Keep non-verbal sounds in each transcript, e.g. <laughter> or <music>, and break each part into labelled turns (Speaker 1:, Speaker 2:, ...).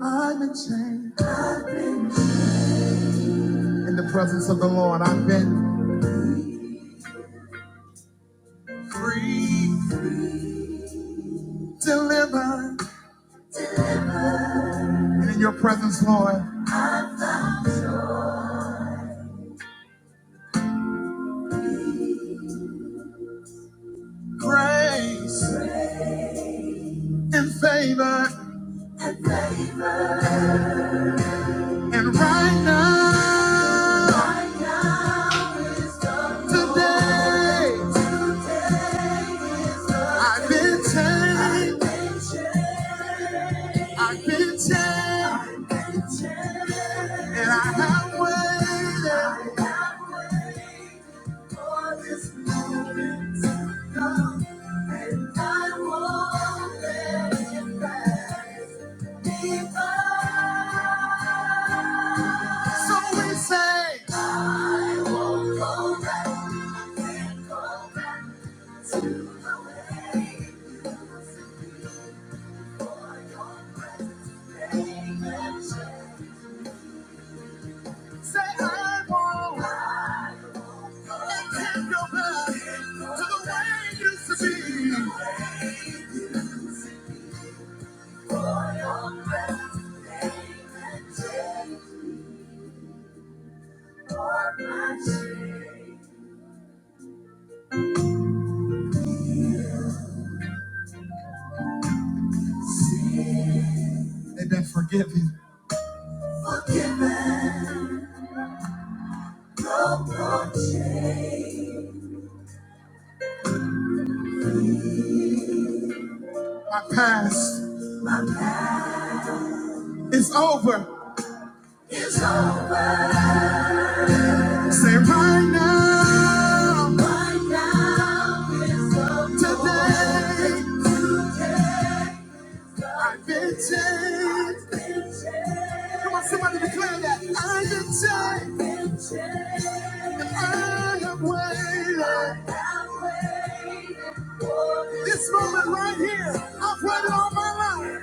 Speaker 1: I'm in chains. In the presence of the Lord, I've been free, delivered. And in your presence, Lord, grace and favor. And right now, right now is the today, Lord. I've been changed. I've been changed. And I have waited. So we say, I won't go back, can't go back to the way it used to be for your presence. Amen. Say, I won't, I can't go back to the way it used to be. They've been forgiven. Forgiven, no more change. My past is over. It's over. Say right now, Right now. It's over. today. Today. I've been changed. Come on, somebody declare that. I've been changed. And I have waited. This moment right here, I've waited all my life.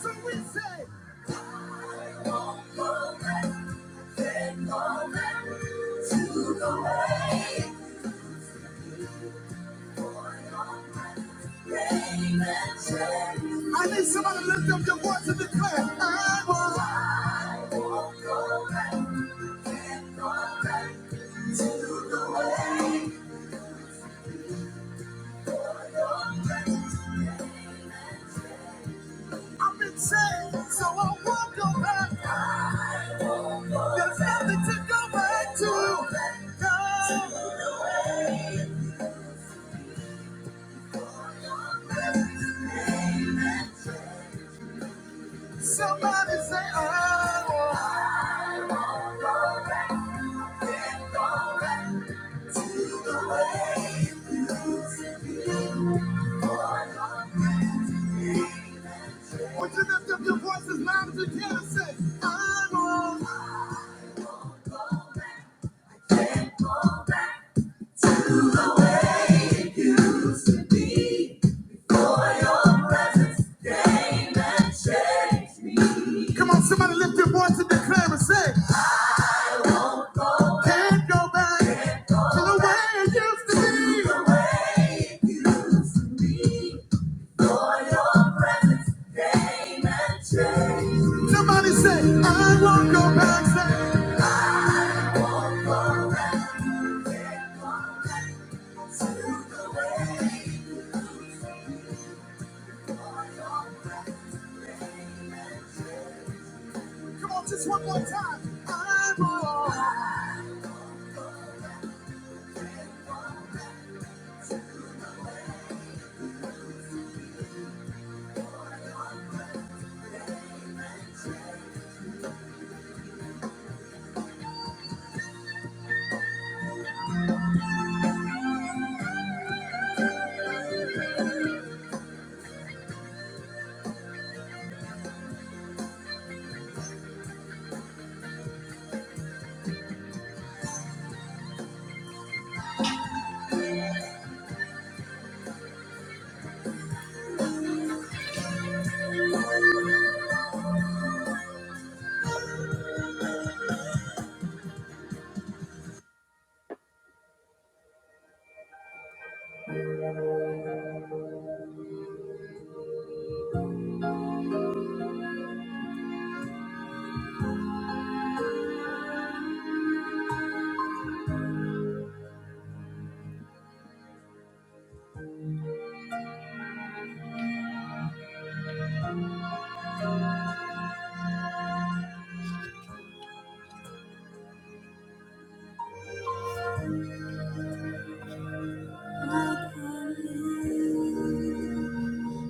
Speaker 1: So we say, I won't go back, then go back To the way. I need somebody to lift up your voice and declare, I will. I won't go back, can't go back to the way. I've been saved, so I won't go back. There's nothing to go back to. No. Somebody say, oh, can't go back to the way it used to be. For I don't need to be. Would you lift up your voices loud as you can and say, "I want. Come on, somebody lift your voice and declare and say, I don't go back. Can't go back to The way it used to be before your presence came and changed me. Somebody say, I won't go back. Come on, just one more time. I'm all I can live,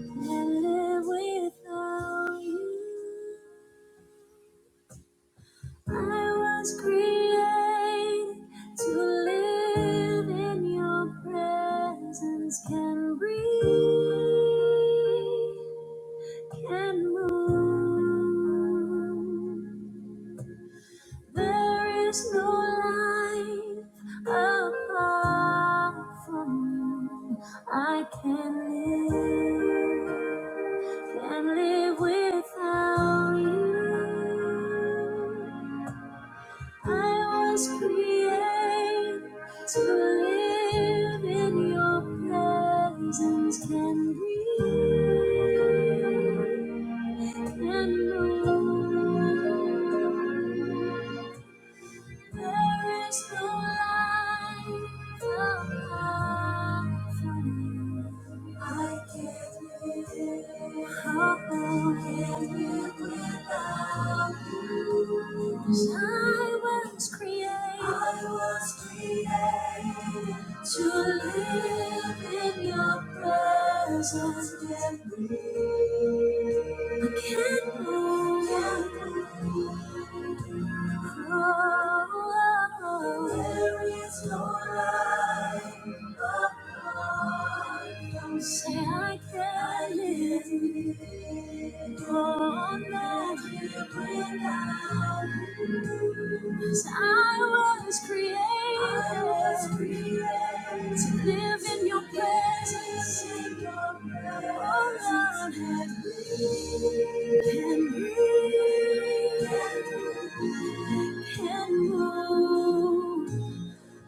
Speaker 1: can't live without you. I was created to live in your presence, can breathe. can move. There is no life apart from you. I can live, can live without you. I was created to live in your presence. Can breathe. and low. There is no life apart from you. I can't live. it. How can live without you? 'Cause I was created. I was created to live in your presence and breathe. I can't move. There is no life apart. Don't say I can't live. Oh not let it bring out 'Cause I was created, I was created to live in your presence. In your presence. Oh, Lord, have me, can breathe, can move.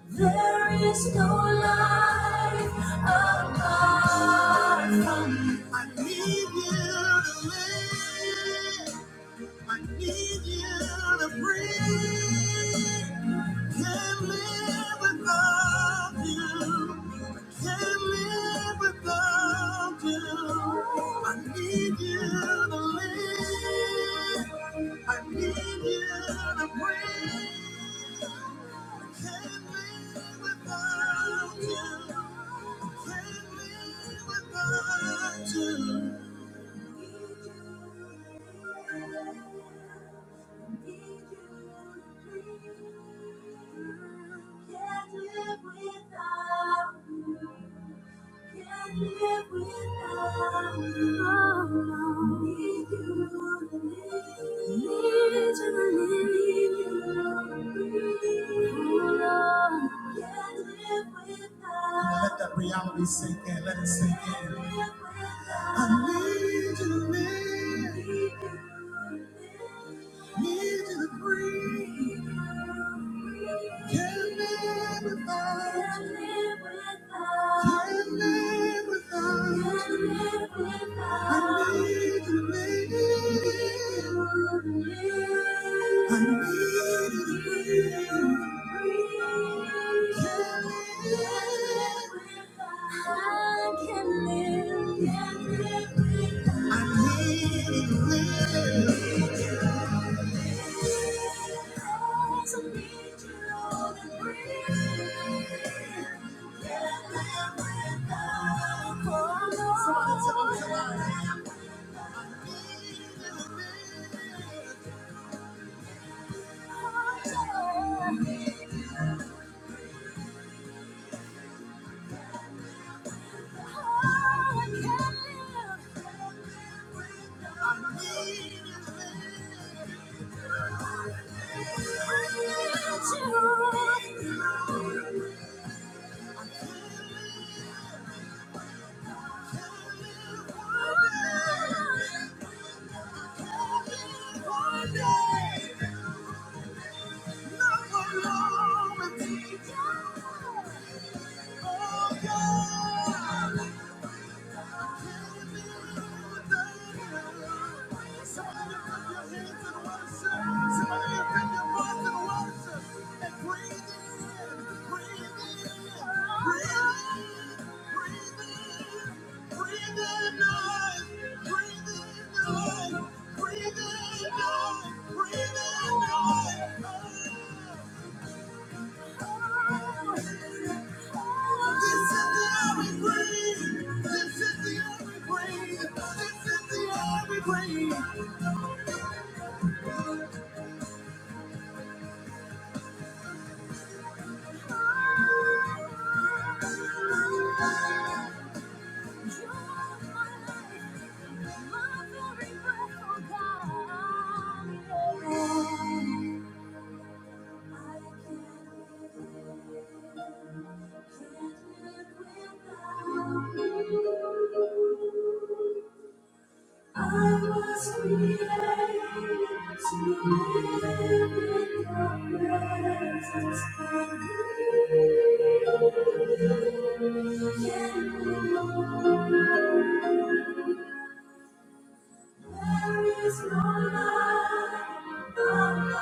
Speaker 1: There is no life apart from you. I need, You. I need you to breathe. Can't live without you. Can't live without you. I need you to live. I need you to breathe. Can't live without you. Can't live without you. Can't live without you. Can't live without you. Need you more than anything. Need you more than anything. Lord, can't live without Let that reality sink in. Let it sink in. I need you, man. I can live. I can live. Thank you. Breathe in, breathe in, breathe in. breathe in. Thank you. I was created to live in the presence of you. Yeah, There is no life above you.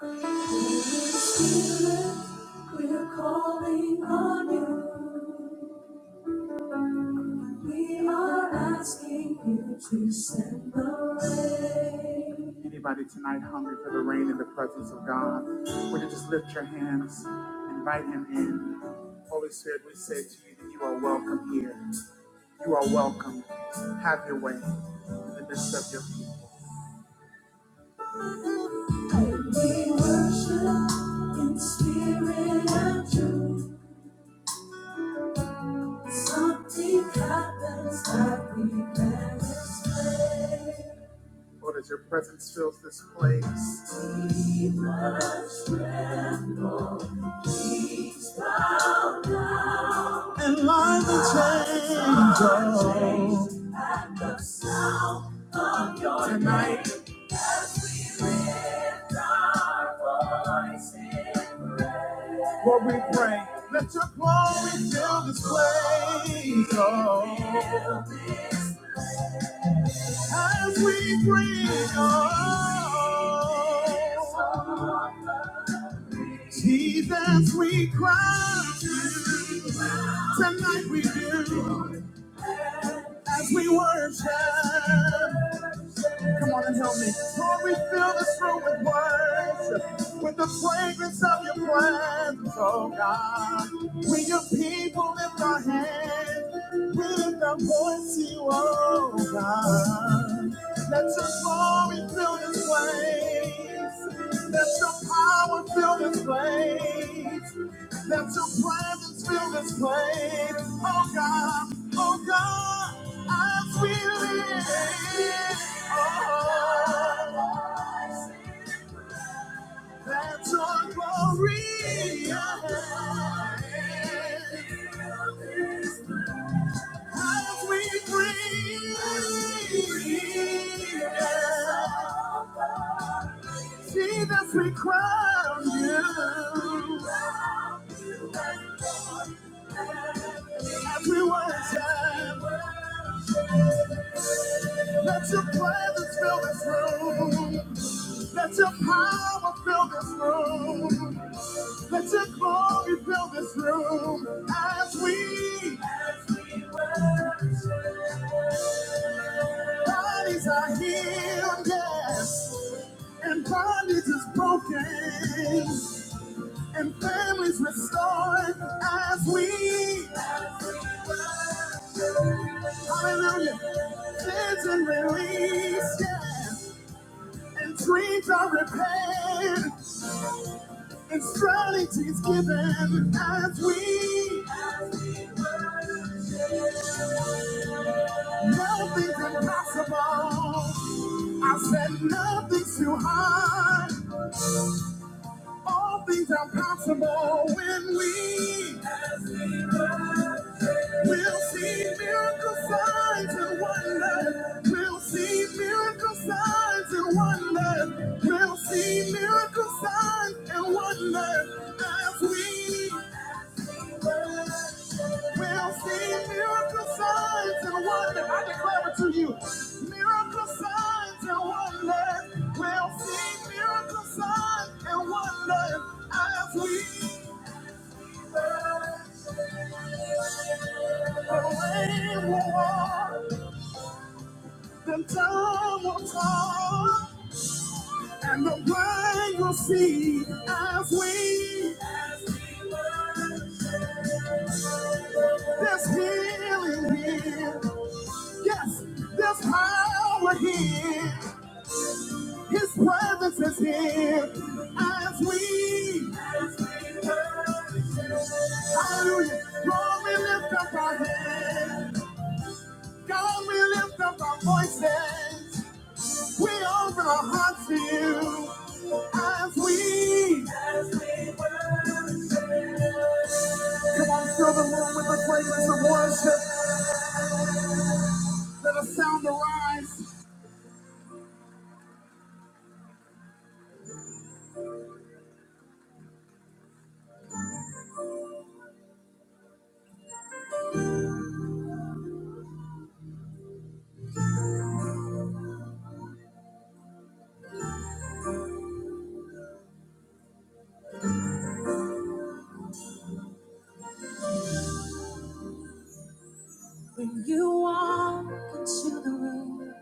Speaker 1: Holy Spirit, we're calling on you. We are asking you to send the rain. Anybody tonight hungry for the rain in the presence of God? Would you just lift your hands, and invite Him in? Holy Spirit, we say to you that you are welcome here. You are welcome. Have your way in the midst of your people. We worship in spirit and truth. Something happens that we can't explain. Lord, as your presence fills this place. Go tonight. Name. Lift our voice in praise. Lord, we pray. Let your glory fill this place. Oh, fill this place. as we bring. Oh, Jesus, we cry tonight we do as we worship. Come on and help me. Lord, we fill this room with worship, with the fragrance of your presence, oh God. We your people lift our hands, we lift our voice to you, oh God. Let your glory fill this place. Let your power fill this place. Let your presence fill this place. Oh God, oh God, as we live. Oh, let your glory arise. As we breathe, yeah. Jesus, we crown you. As we worship, let your presence fill this room. Let your power fill this room. Let your glory fill this room. As we bodies are healed, yes. And bondage is broken. And families restored. As we, hallelujah, cleanse and release, yes. And dreams are repaired. And strategies given. As we, nothing's impossible. I said nothing's too hard. All things are possible when we will see miracle signs and wonders. We'll see miracle signs and wonders. We'll see miracle signs and wonders as we We'll see miracle signs and wonders. I declare it to you. Miracle signs and wonders. We'll see miracle signs and wonders as we the rain will walk, the time will fall, and the blind will see as we there's healing here. Yes, there's power here. His presence is here as we, hallelujah. God, we lift up our hands. God, we lift up our voices. We open our hearts to you as we, fill the room with the fragrance of worship, the sound of rise. When you walk into the room,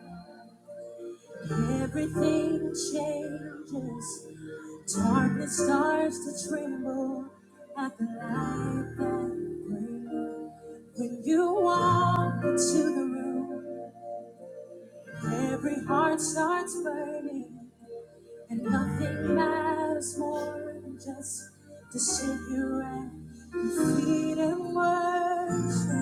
Speaker 1: everything changes. Darkness starts to tremble at the light that you bring. When you walk into the room, every heart starts burning, and nothing matters more than just to sit here at your feet and worship.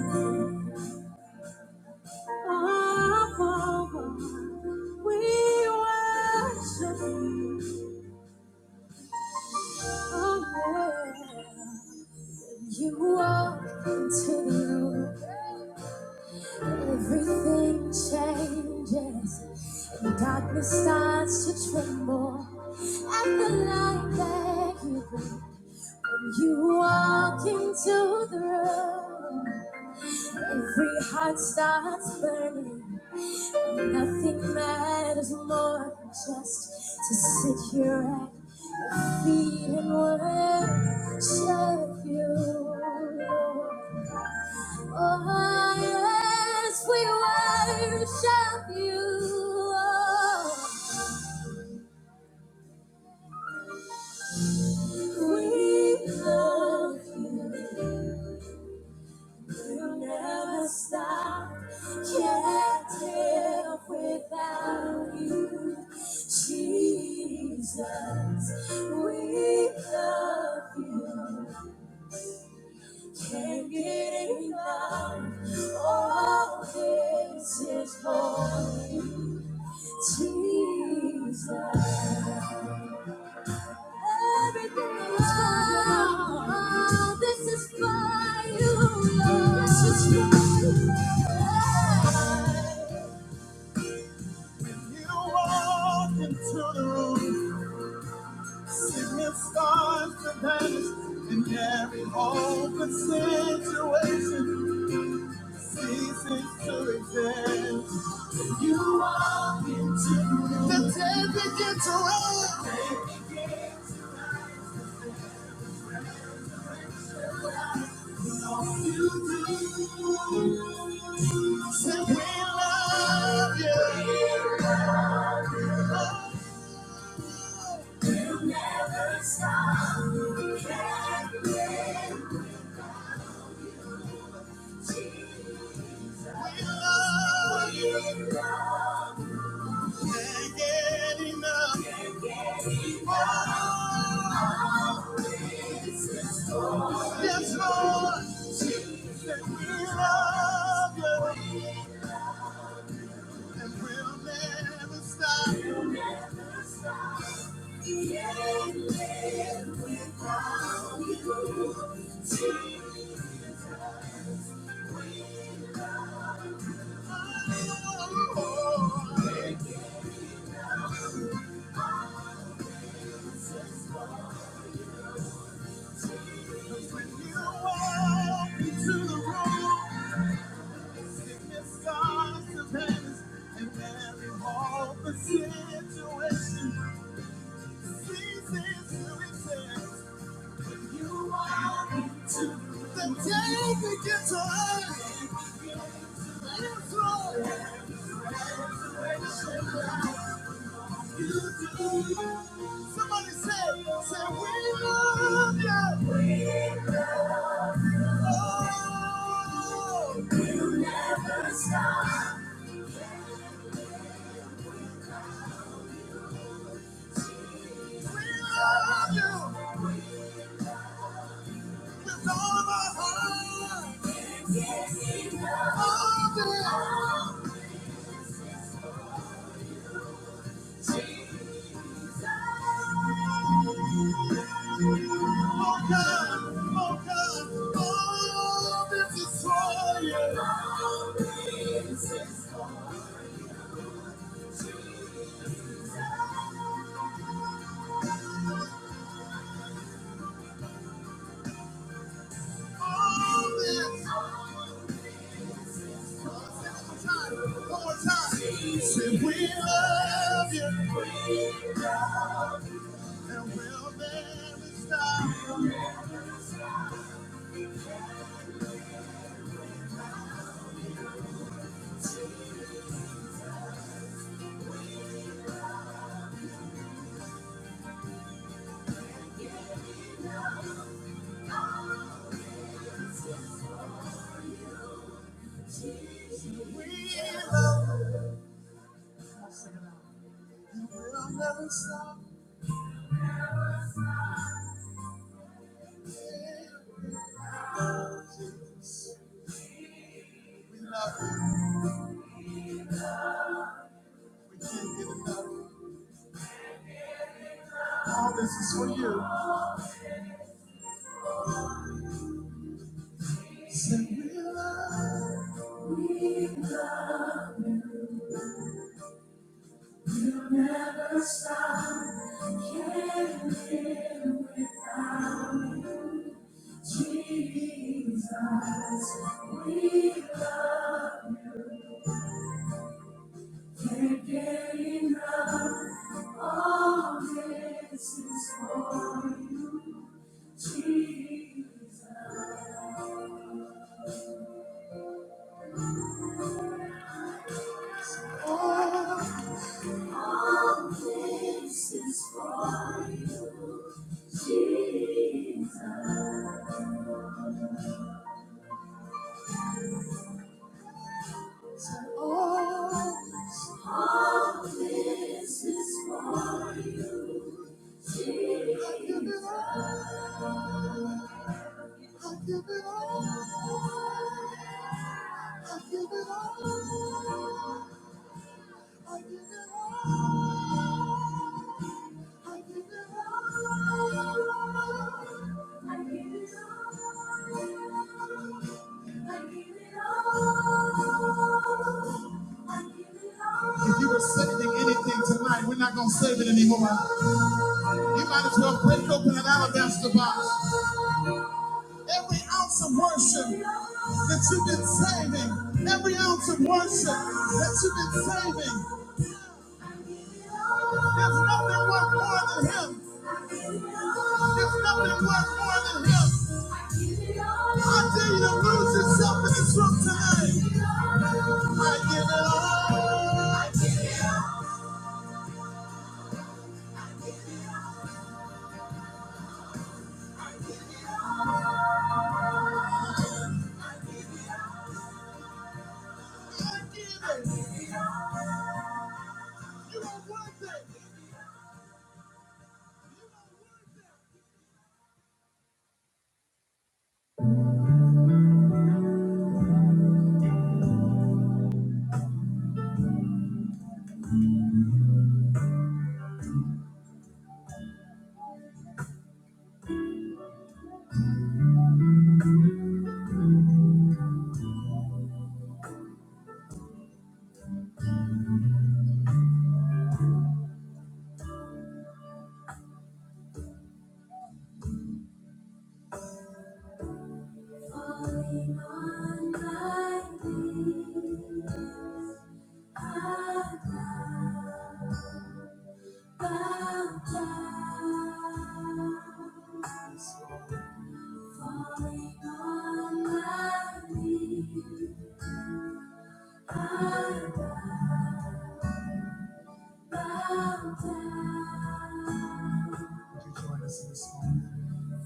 Speaker 1: Oh, oh, oh, we worship you. Oh, yeah. You walk into the room. Everything changes, and darkness starts to tremble at the light that you bring. When you walk into the room, every heart starts burning. Nothing matters more than just to sit here at your feet and worship you. Lord. Oh, yes, we worship you. Oh, we love you. Never stop. Can't live without you, Jesus. We love you. Can't get enough. All this is holy, Jesus. Everything This is for you, Lord. you. You into the room, sickness starts to vanish. In every open situation, ceases to exist. You walk into the room, the dead begin to end. Say, we love you. We'll never stop. We Can't live. We love you. Can't get enough. Can't get enough. Always Yes, Lord. Yes, Lord. That we love you. And we'll never stop. We'll never stop. We Can't live without you. Jesus. Somebody say, say we love you. We love you. We'll never stop. We love you with all of our heart. Yes, we love All of it. Oh God, oh God, all this is for you. All this is all this. One more time. Say we love you and we'll never stop. All this is for you. Say we love. We love. Never stop. Can't live with Jesus. We can't get enough. All this is for you, Jesus. Oh. This is for you, Jesus. Oh, this is for you. I give it all. I give it all. I give it all. I give it all. I give it all. I give it all. I give it all. If you were saving anything tonight, we're not going to save it anymore. You might as well break open an alabaster box. Every ounce of worship. that you've been saving, every ounce of worship that you've been saving. There's nothing worth more than Him. There's nothing worth more than Him. I dare you to lose yourself in this room tonight. I give it all. I give it. You are worth it. You are worth it. Falling on my knees, I bow bow down. Falling on my knees, I bow bow down.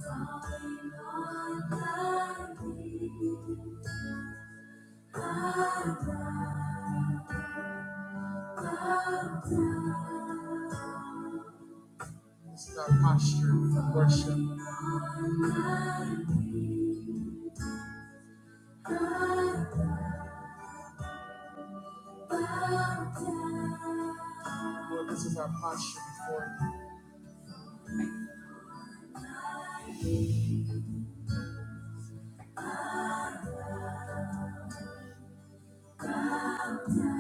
Speaker 1: Falling on my knees, I bow bow down. It's our posture of worship. Lord, this is our posture before you. Can't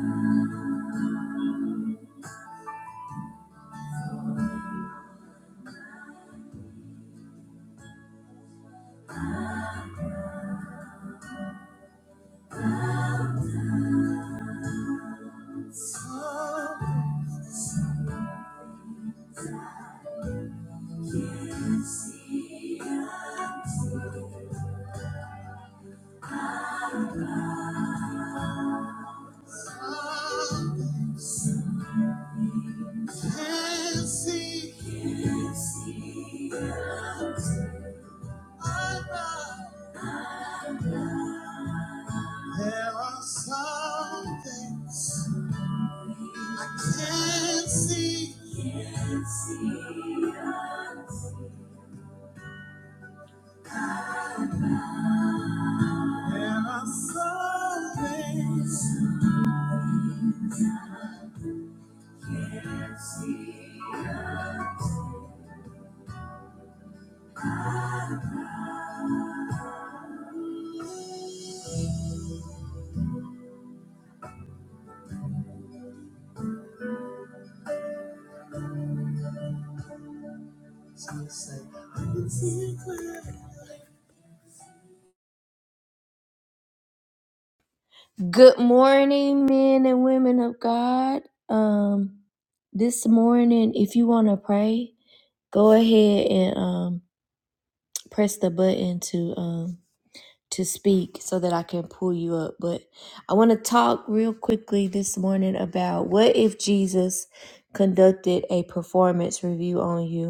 Speaker 1: see eye now. There are some things can't see. There are some things Good morning, men and women of God. Um, this morning, if you want to pray, go ahead and um, press the button to um, to speak so that I can pull you up. But I want to talk real quickly this morning about what if Jesus conducted a performance review on you.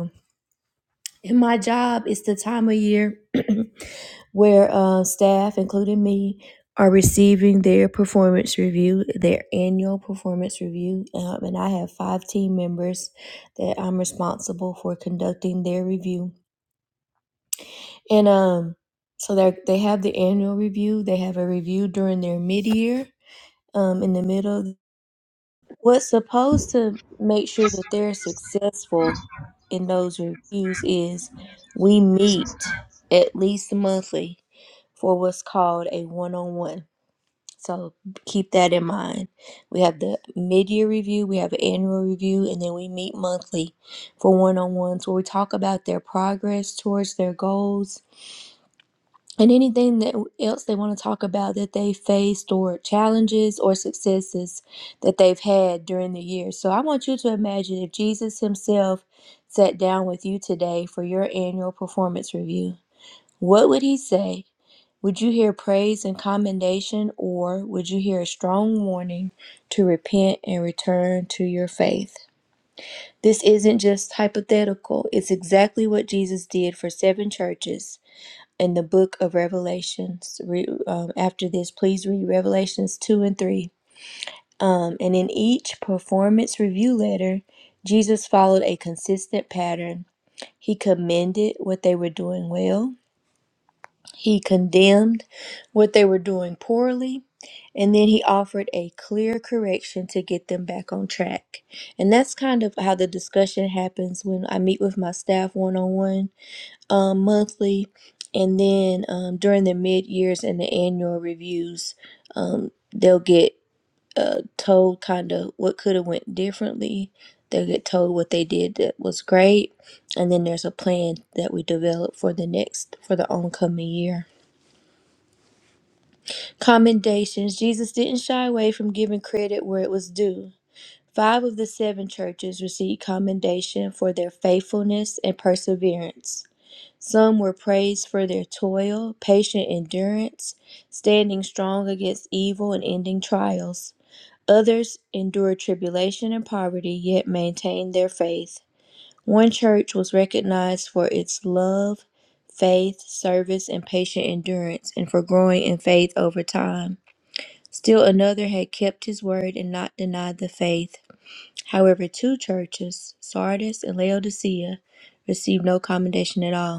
Speaker 1: In my job, it's the time of year <clears throat> where uh, staff, including me, are receiving their performance review, their annual performance review. Um, and I have five team members that I'm responsible for conducting their review. And um, so they they have the annual review. They have a review during their mid year, um, in the middle. of What's supposed to make sure that they're successful in those reviews is we meet at least monthly for what's called a one on one. So keep that in mind. We have the mid year review, we have an annual review, and then we meet monthly for one on ones where we talk about their progress towards their goals and anything that else they want to talk about that they faced or challenges or successes that they've had during the year. So I want you to imagine if Jesus himself sat down with you today for your annual performance review. What would he say? Would you hear praise and commendation or would you hear a strong warning to repent and return to your faith? This isn't just hypothetical. It's exactly what Jesus did for seven churches in the book of Revelations. Re, um, after this, please read Revelations 2 and 3. Um, and in each performance review letter, Jesus followed a consistent pattern. He commended what they were doing well, he condemned what they were doing poorly, and then he offered a clear correction to get them back on track. And that's kind of how the discussion happens when I meet with my staff one on one um, monthly, and then um, during the mid years and the annual reviews, um, they'll get uh, told kind of what could have went differently. They'll get told what they did that was great, and then there's a plan that we develop for the next for the oncoming year. Commendations: Jesus didn't shy away from giving credit where it was due. Five of the seven churches received commendation for their faithfulness and perseverance. Some were praised for their toil, patient endurance, standing strong against evil and ending trials. Others endured tribulation and poverty, yet maintained their faith. One church was recognized for its love, faith, service, and patient endurance, and for growing in faith over time. Still another had kept his word and not denied the faith. However, two churches, Sardis and Laodicea, received no commendation at all.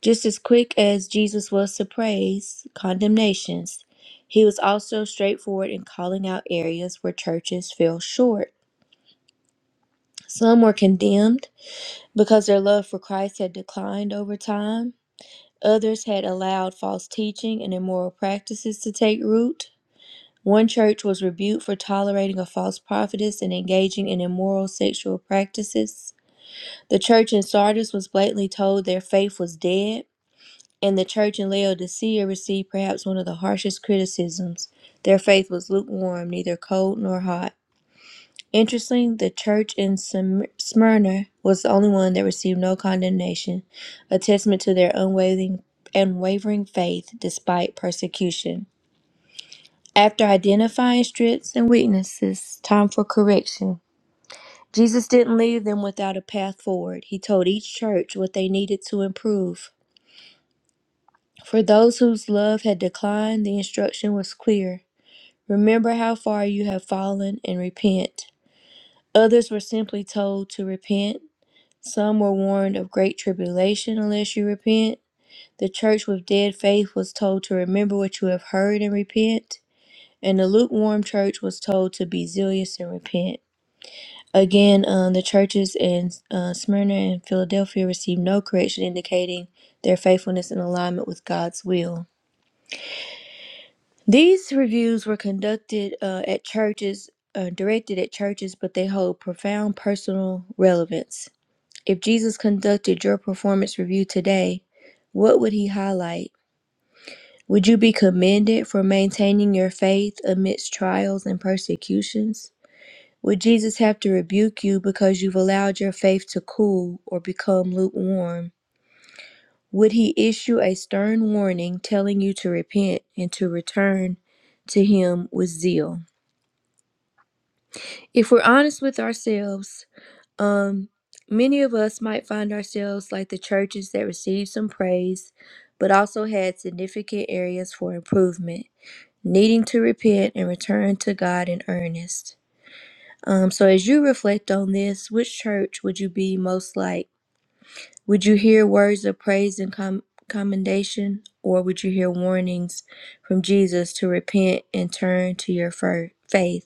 Speaker 1: Just as quick as Jesus was to praise condemnations, he was also straightforward in calling out areas where churches fell short. Some were condemned because their love for Christ had declined over time. Others had allowed false teaching and immoral practices to take root. One church was rebuked for tolerating a false prophetess and engaging in immoral sexual practices. The church in Sardis was blatantly told their faith was dead and the church in Laodicea received perhaps one of the harshest criticisms. Their faith was lukewarm, neither cold nor hot. Interesting, the church in Sym- Smyrna was the only one that received no condemnation, a testament to their unwavering, unwavering faith despite persecution. After identifying strengths and weaknesses, time for correction. Jesus didn't leave them without a path forward. He told each church what they needed to improve. For those whose love had declined, the instruction was clear Remember how far you have fallen and repent. Others were simply told to repent. Some were warned of great tribulation unless you repent. The church with dead faith was told to remember what you have heard and repent. And the lukewarm church was told to be zealous and repent. Again, um, the churches in uh, Smyrna and Philadelphia received no correction indicating their faithfulness and alignment with God's will. These reviews were conducted uh, at churches, uh, directed at churches, but they hold profound personal relevance. If Jesus conducted your performance review today, what would he highlight? Would you be commended for maintaining your faith amidst trials and persecutions? Would Jesus have to rebuke you because you've allowed your faith to cool or become lukewarm? Would he issue a stern warning telling you to repent and to return to him with zeal? if we're honest with ourselves, um, many of us might find ourselves like the churches that received some praise, but also had significant areas for improvement, needing to repent and return to God in earnest. Um, so, as you reflect on this, which church would you be most like? Would you hear words of praise and com- commendation, or would you hear warnings from Jesus to repent and turn to your fir- faith?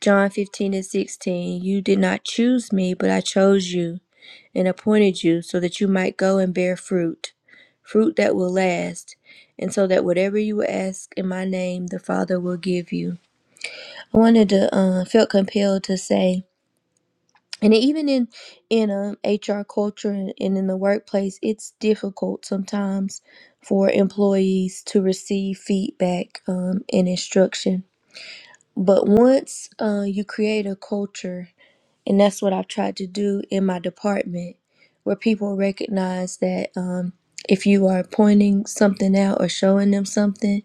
Speaker 1: John 15 and 16, You did not choose me, but I chose you and appointed you so that you might go and bear fruit, fruit that will last, and so that whatever you ask in my name, the Father will give you. I wanted to, uh, felt compelled to say, and even in in um, HR culture and in the workplace, it's difficult sometimes for employees to receive feedback um, and instruction. But once uh, you create a culture and that's what I've tried to do in my department, where people recognize that um, if you are pointing something out or showing them something,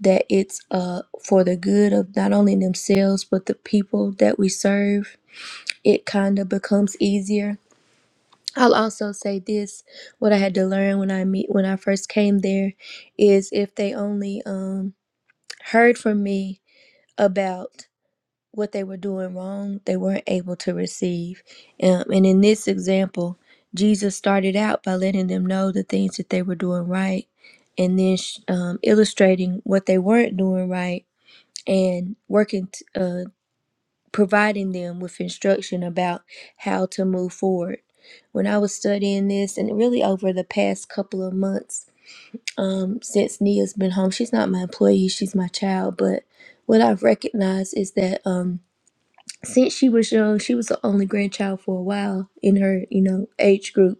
Speaker 1: that it's uh, for the good of not only themselves but the people that we serve. It kind of becomes easier. I'll also say this: what I had to learn when I meet when I first came there is if they only um, heard from me about what they were doing wrong, they weren't able to receive. Um, and in this example, Jesus started out by letting them know the things that they were doing right and then sh- um, illustrating what they weren't doing right and working, t- uh, providing them with instruction about how to move forward. When I was studying this, and really over the past couple of months, um, since Nia's been home, she's not my employee, she's my child, but what I've recognized is that. Um, since she was young, she was the only grandchild for a while in her, you know, age group.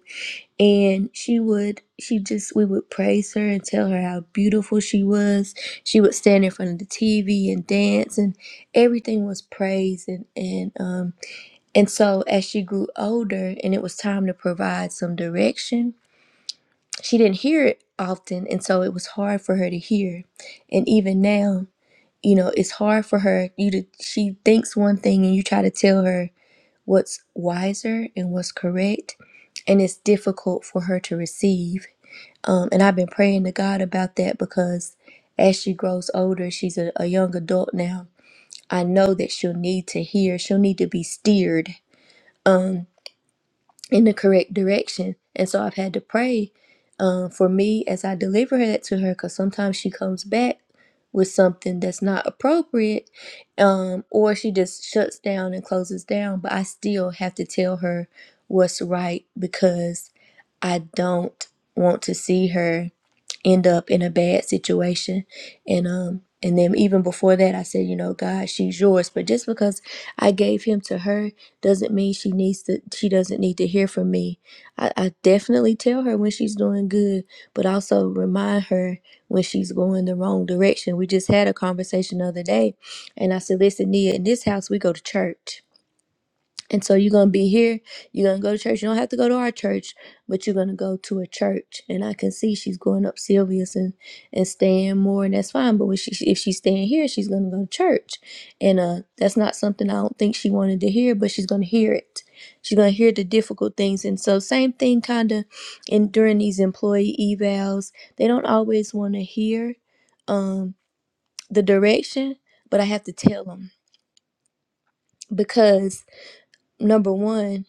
Speaker 1: And she would, she just, we would praise her and tell her how beautiful she was. She would stand in front of the TV and dance, and everything was praised. And and um and so as she grew older, and it was time to provide some direction, she didn't hear it often, and so it was hard for her to hear. And even now, you know, it's hard for her. You to she thinks one thing, and you try to tell her what's wiser and what's correct, and it's difficult for her to receive. Um, and I've been praying to God about that because as she grows older, she's a, a young adult now. I know that she'll need to hear, she'll need to be steered. Um, in the correct direction. And so I've had to pray um, for me as I deliver that to her because sometimes she comes back with something that's not appropriate um, or she just shuts down and closes down. But I still have to tell her what's right because I don't want to see her end up in a bad situation and um and then even before that i said you know god she's yours but just because i gave him to her doesn't mean she needs to she doesn't need to hear from me i, I definitely tell her when she's doing good but also remind her when she's going the wrong direction we just had a conversation the other day and i said listen nia in this house we go to church and so you're gonna be here. You're gonna go to church. You don't have to go to our church, but you're gonna go to a church. And I can see she's going up Sylvia's and, and staying more, and that's fine. But when she, if she's staying here, she's gonna go to church. And uh, that's not something I don't think she wanted to hear, but she's gonna hear it. She's gonna hear the difficult things. And so same thing, kinda, in during these employee evals, they don't always want to hear um the direction, but I have to tell them because number one.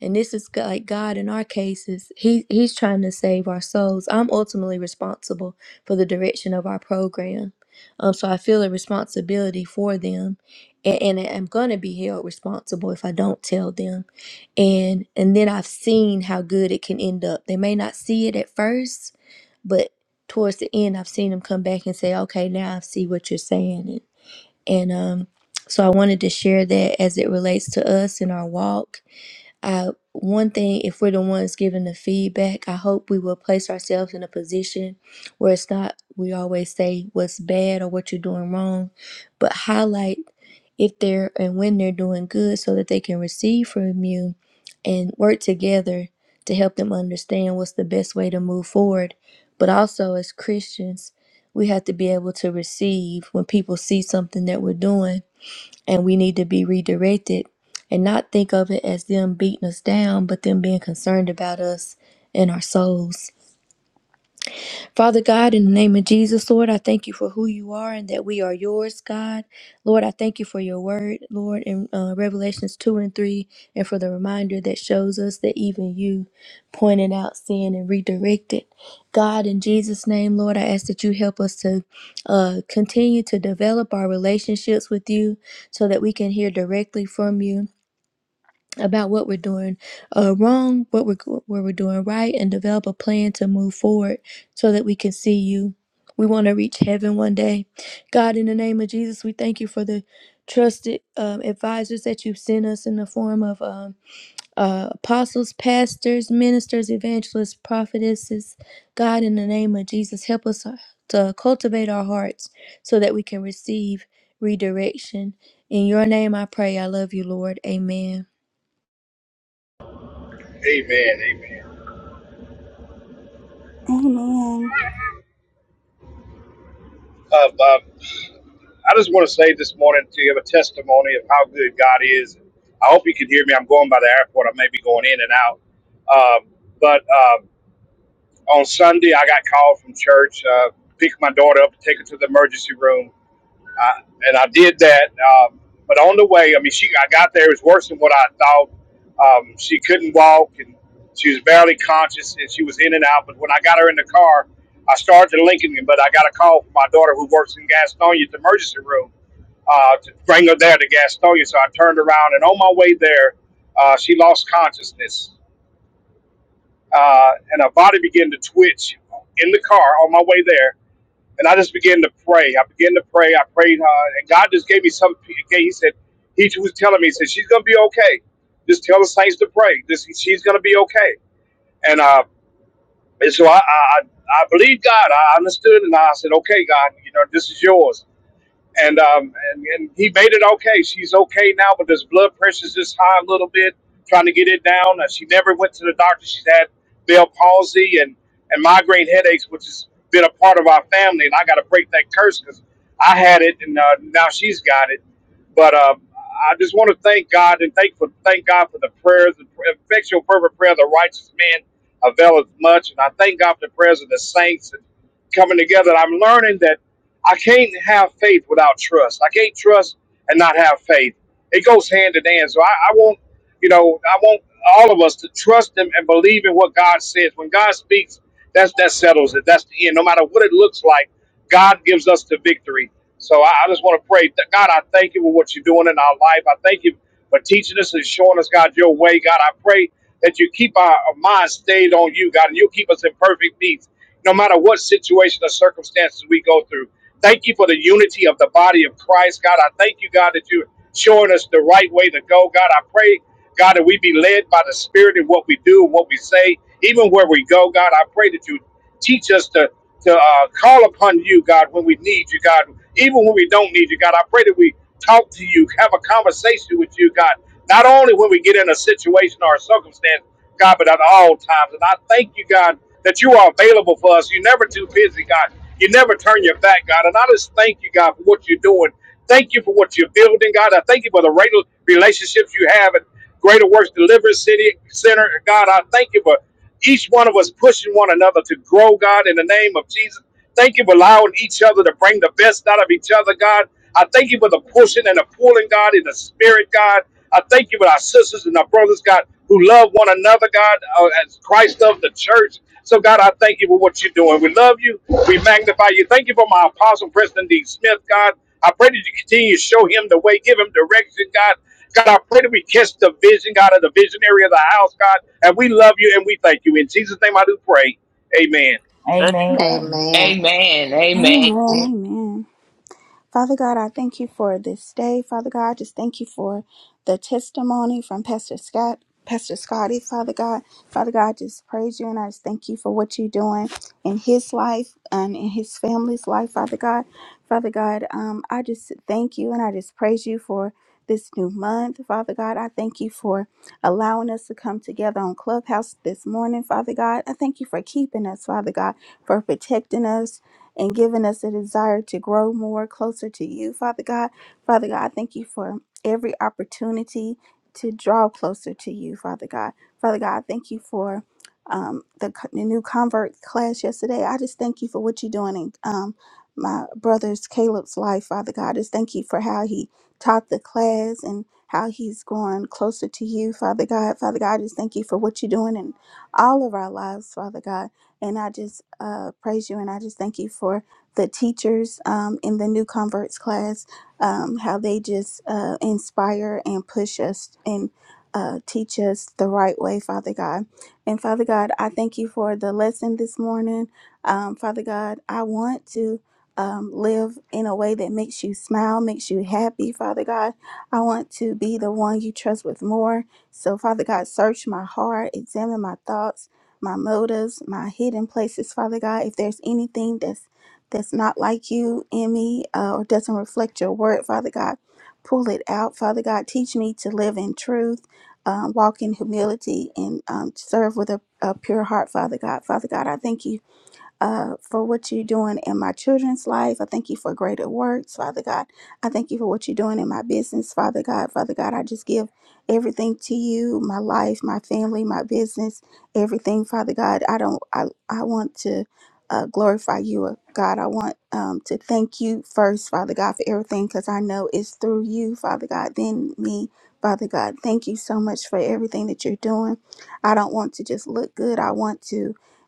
Speaker 1: And this is go- like God in our cases. He He's trying to save our souls. I'm ultimately responsible for the direction of our program. Um, so I feel a responsibility for them, and, and I'm gonna be held responsible if I don't tell them. And and then I've seen how good it can end up. They may not see it at first, but towards the end, I've seen them come back and say, "Okay, now I see what you're saying." And, and um, so I wanted to share that as it relates to us in our walk I one thing if we're the ones giving the feedback, I hope we will place ourselves in a position where it's not we always say what's bad or what you're doing wrong, but highlight if they're and when they're doing good so that they can receive from you and work together to help them understand what's the best way to move forward. But also as Christians, we have to be able to receive when people see something that we're doing and we need to be redirected and not think of it as them beating us down, but them being concerned about us and our souls. Father God, in the name of Jesus, Lord, I thank you for who you are and that we are yours, God. Lord, I thank you for your word, Lord, in uh, Revelations 2 and 3, and for the reminder that shows us that even you pointed out sin and redirected. God, in Jesus' name, Lord, I ask that you help us to uh, continue to develop our relationships with you so that we can hear directly from you about what we're doing uh, wrong, what we're where we're doing right, and develop a plan to move forward so that we can see you. We want to reach heaven one day. God, in the name of Jesus, we thank you for the trusted um, advisors that you've sent us in the form of um, uh, apostles, pastors, ministers, evangelists, prophetesses. God, in the name of Jesus, help us uh, to cultivate our hearts so that we can receive redirection. In your name I pray. I love you, Lord. Amen.
Speaker 2: Amen. Amen.
Speaker 3: Amen.
Speaker 2: Uh, Bob, I just want to say this morning to give a testimony of how good God is. I hope you can hear me. I'm going by the airport. I may be going in and out. Um, but um, on Sunday, I got called from church, uh, picked my daughter up, take her to the emergency room. I, and I did that. Um, but on the way, I mean, she I got there. It was worse than what I thought. Um, she couldn't walk, and she was barely conscious, and she was in and out. But when I got her in the car, I started to Lincoln, but I got a call from my daughter who works in Gastonia at the emergency room uh, to bring her there to Gastonia. So I turned around, and on my way there, uh, she lost consciousness, uh, and her body began to twitch in the car on my way there and I just began to pray. I began to pray. I prayed hard, and God just gave me some. Okay, He said, He was telling me, He said, she's gonna be okay. Just tell the saints to pray. This, she's gonna be okay. And uh, and so I, I, I I believed God. I understood, and I said, okay, God, you know, this is yours and um and, and he made it okay. She's okay now, but his blood pressure's just high a little bit, trying to get it down. Uh, she never went to the doctor. She's had Bell palsy and and migraine headaches, which has been a part of our family. And I got to break that curse because I had it, and uh, now she's got it. But um, I just want to thank God and thank for thank God for the prayers, the effectual fervent prayer of the righteous man availeth much. And I thank God for the prayers of the saints and coming together. And I'm learning that. I can't have faith without trust. I can't trust and not have faith. It goes hand in hand. So I, I want, you know, I want all of us to trust Him and believe in what God says. When God speaks, that's that settles it. That's the end. No matter what it looks like, God gives us the victory. So I, I just want to pray that God, I thank you for what you're doing in our life. I thank you for teaching us and showing us, God, your way. God, I pray that you keep our, our minds stayed on you, God, and you keep us in perfect peace, no matter what situation or circumstances we go through. Thank you for the unity of the body of Christ, God. I thank you, God, that you're showing us the right way to go. God, I pray, God, that we be led by the Spirit in what we do and what we say, even where we go. God, I pray that you Teach us to to uh, call upon you, God, when we need you, God, even when we don't need you, God. I pray that we talk to you, have a conversation with you, God, not only when we get in a situation or a circumstance, God, but at all times. And I thank you, God, that you are available for us. You're never too busy, God. You never turn your back, God. And I just thank you, God, for what you're doing. Thank you for what you're building, God. I thank you for the rela- relationships you have at Greater Works Deliverance City Center, God. I thank you for. Each one of us pushing one another to grow, God, in the name of Jesus. Thank you for allowing each other to bring the best out of each other, God. I thank you for the pushing and the pulling, God, in the spirit, God. I thank you for our sisters and our brothers, God, who love one another, God, uh, as Christ of the church. So, God, I thank you for what you're doing. We love you. We magnify you. Thank you for my apostle, President D. Smith, God. I pray that you continue to show him the way, give him direction, God. God, I pray that we catch the vision, God, of the visionary of the house, God. And we love you and we thank you. In Jesus' name I do pray. Amen.
Speaker 4: Amen.
Speaker 5: Amen.
Speaker 6: Amen.
Speaker 7: Amen.
Speaker 3: Amen.
Speaker 7: Amen.
Speaker 3: Amen. Father God, I thank you for this day. Father God, I just thank you for the testimony from Pastor Scott. Pastor Scotty, Father God, Father God, I just praise you and I just thank you for what you're doing in his life and in his family's life, Father God. Father God, um, I just thank you and I just praise you for this new month, Father God. I thank you for allowing us to come together on Clubhouse this morning, Father God. I thank you for keeping us, Father God for protecting us and giving us a desire to grow more closer to you, Father God. Father God, I thank you for every opportunity to draw closer to you, Father God. Father God, I thank you for um, the, co- the new convert class yesterday. I just thank you for what you're doing in um, my brother's Caleb's life, Father God. I just thank you for how he taught the class and how he's going closer to you, Father God. Father God, I just thank you for what you're doing in all of our lives, Father God. And I just uh, praise you and I just thank you for the teachers um, in the new converts class, um, how they just uh, inspire and push us and uh, teach us the right way, Father God. And Father God, I thank you for the lesson this morning. Um, Father God, I want to um, live in a way that makes you smile, makes you happy, Father God. I want to be the one you trust with more. So, Father God, search my heart, examine my thoughts my motives, my hidden places, Father God. If there's anything that's that's not like you in me uh, or doesn't reflect your word, Father God, pull it out, Father God. Teach me to live in truth, um, walk in humility, and um, serve with a, a pure heart, Father God. Father God, I thank you uh, for what you're doing in my children's life. I thank you for greater works, Father God. I thank you for what you're doing in my business, Father God. Father God, I just give everything to you my life, my family, my business, everything, Father God. I don't, I, I want to. Uh, glorify you, uh, God. I want um, to thank you first, Father God, for everything because I know it's through you, Father God, then me, Father God. Thank you so much for everything that you're doing. I don't want to just look good. I want to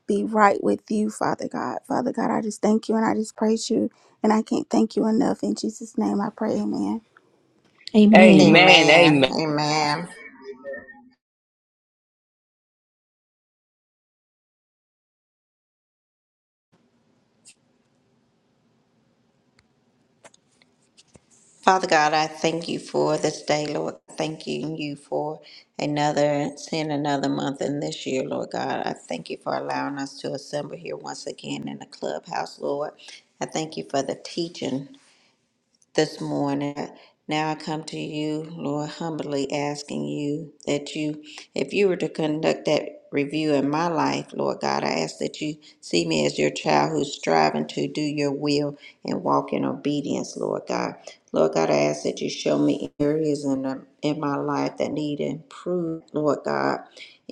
Speaker 3: be right with you, Father God. Father God, I just thank you and I just praise you. And I can't thank you enough. In Jesus' name I pray, amen.
Speaker 1: Amen.
Speaker 7: Amen.
Speaker 6: Amen.
Speaker 7: Amen.
Speaker 6: Amen. Father God, I thank you for this day, Lord. Thanking you you for another seeing another month in this year, Lord God. I thank you for allowing us to assemble here once again in the clubhouse, Lord. I thank you for the teaching this morning. Now I come to you, Lord, humbly asking you that you, if you were to conduct that review in my life, Lord God, I ask that you see me as your child who's striving to do your will and walk in obedience, Lord God. Lord God, I ask that you show me areas in, the in my life that need improvement, Lord God.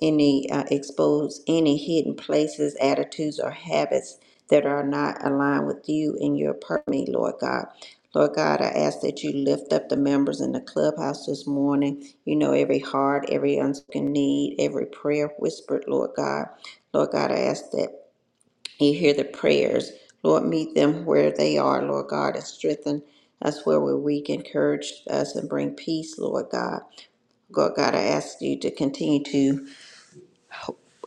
Speaker 6: Any uh, expose any hidden places, attitudes, or habits that are not aligned with you and your purpose, Lord God. Lord God, I ask that you lift up the members in the clubhouse this morning. You know every heart, every unspoken need, every prayer whispered, Lord God. Lord God, I ask that you hear the prayers. Lord, meet them where they are, Lord God, and strengthen us where we're weak. Encourage us and bring peace, Lord God. Lord God, I ask you to continue to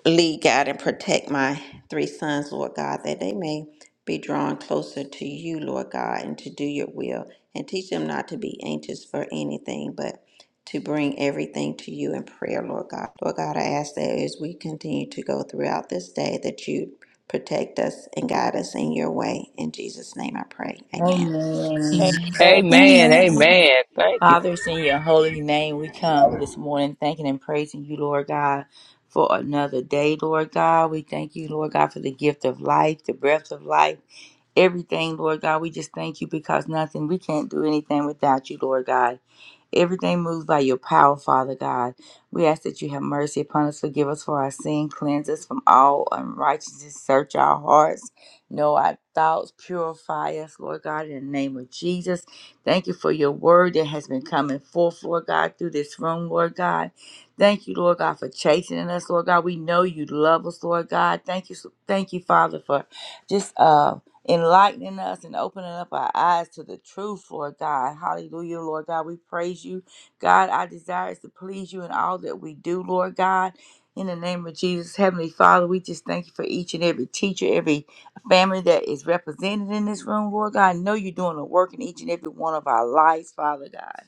Speaker 6: Lead, guide, and protect my three sons, Lord God, that they may be drawn closer to you, Lord God, and to do your will. And teach them not to be anxious for anything, but to bring everything to you in prayer, Lord God. Lord God, I ask that as we continue to go throughout this day, that you protect us and guide us in your way. In Jesus' name I pray. Amen.
Speaker 5: Amen.
Speaker 1: Amen.
Speaker 7: Amen.
Speaker 3: Amen.
Speaker 7: Amen. Thank you.
Speaker 5: Father, it's in your holy name we come this morning thanking and praising you, Lord God, for another day, Lord God. We thank you, Lord God, for the gift of life, the breath of life, everything, Lord God. We just thank you because nothing, we can't do anything without you, Lord God. Everything moves by your power, Father God. We ask that you have mercy upon us, forgive us for our sin, cleanse us from all unrighteousness, search our hearts, know our thoughts, purify us, Lord God, in the name of Jesus. Thank you for your word that has been coming forth, Lord God, through this room, Lord God. Thank you, Lord God, for chastening us, Lord God. We know you love us, Lord God. Thank you, thank you, Father, for just uh enlightening us and opening up our eyes to the truth, Lord God. Hallelujah, Lord God. We praise you. God, our desire is to please you in all that we do, Lord God. In the name of Jesus, Heavenly Father, we just thank you for each and every teacher, every family that is represented in this room, Lord God. I know you're doing a work in each and every one of our lives, Father God.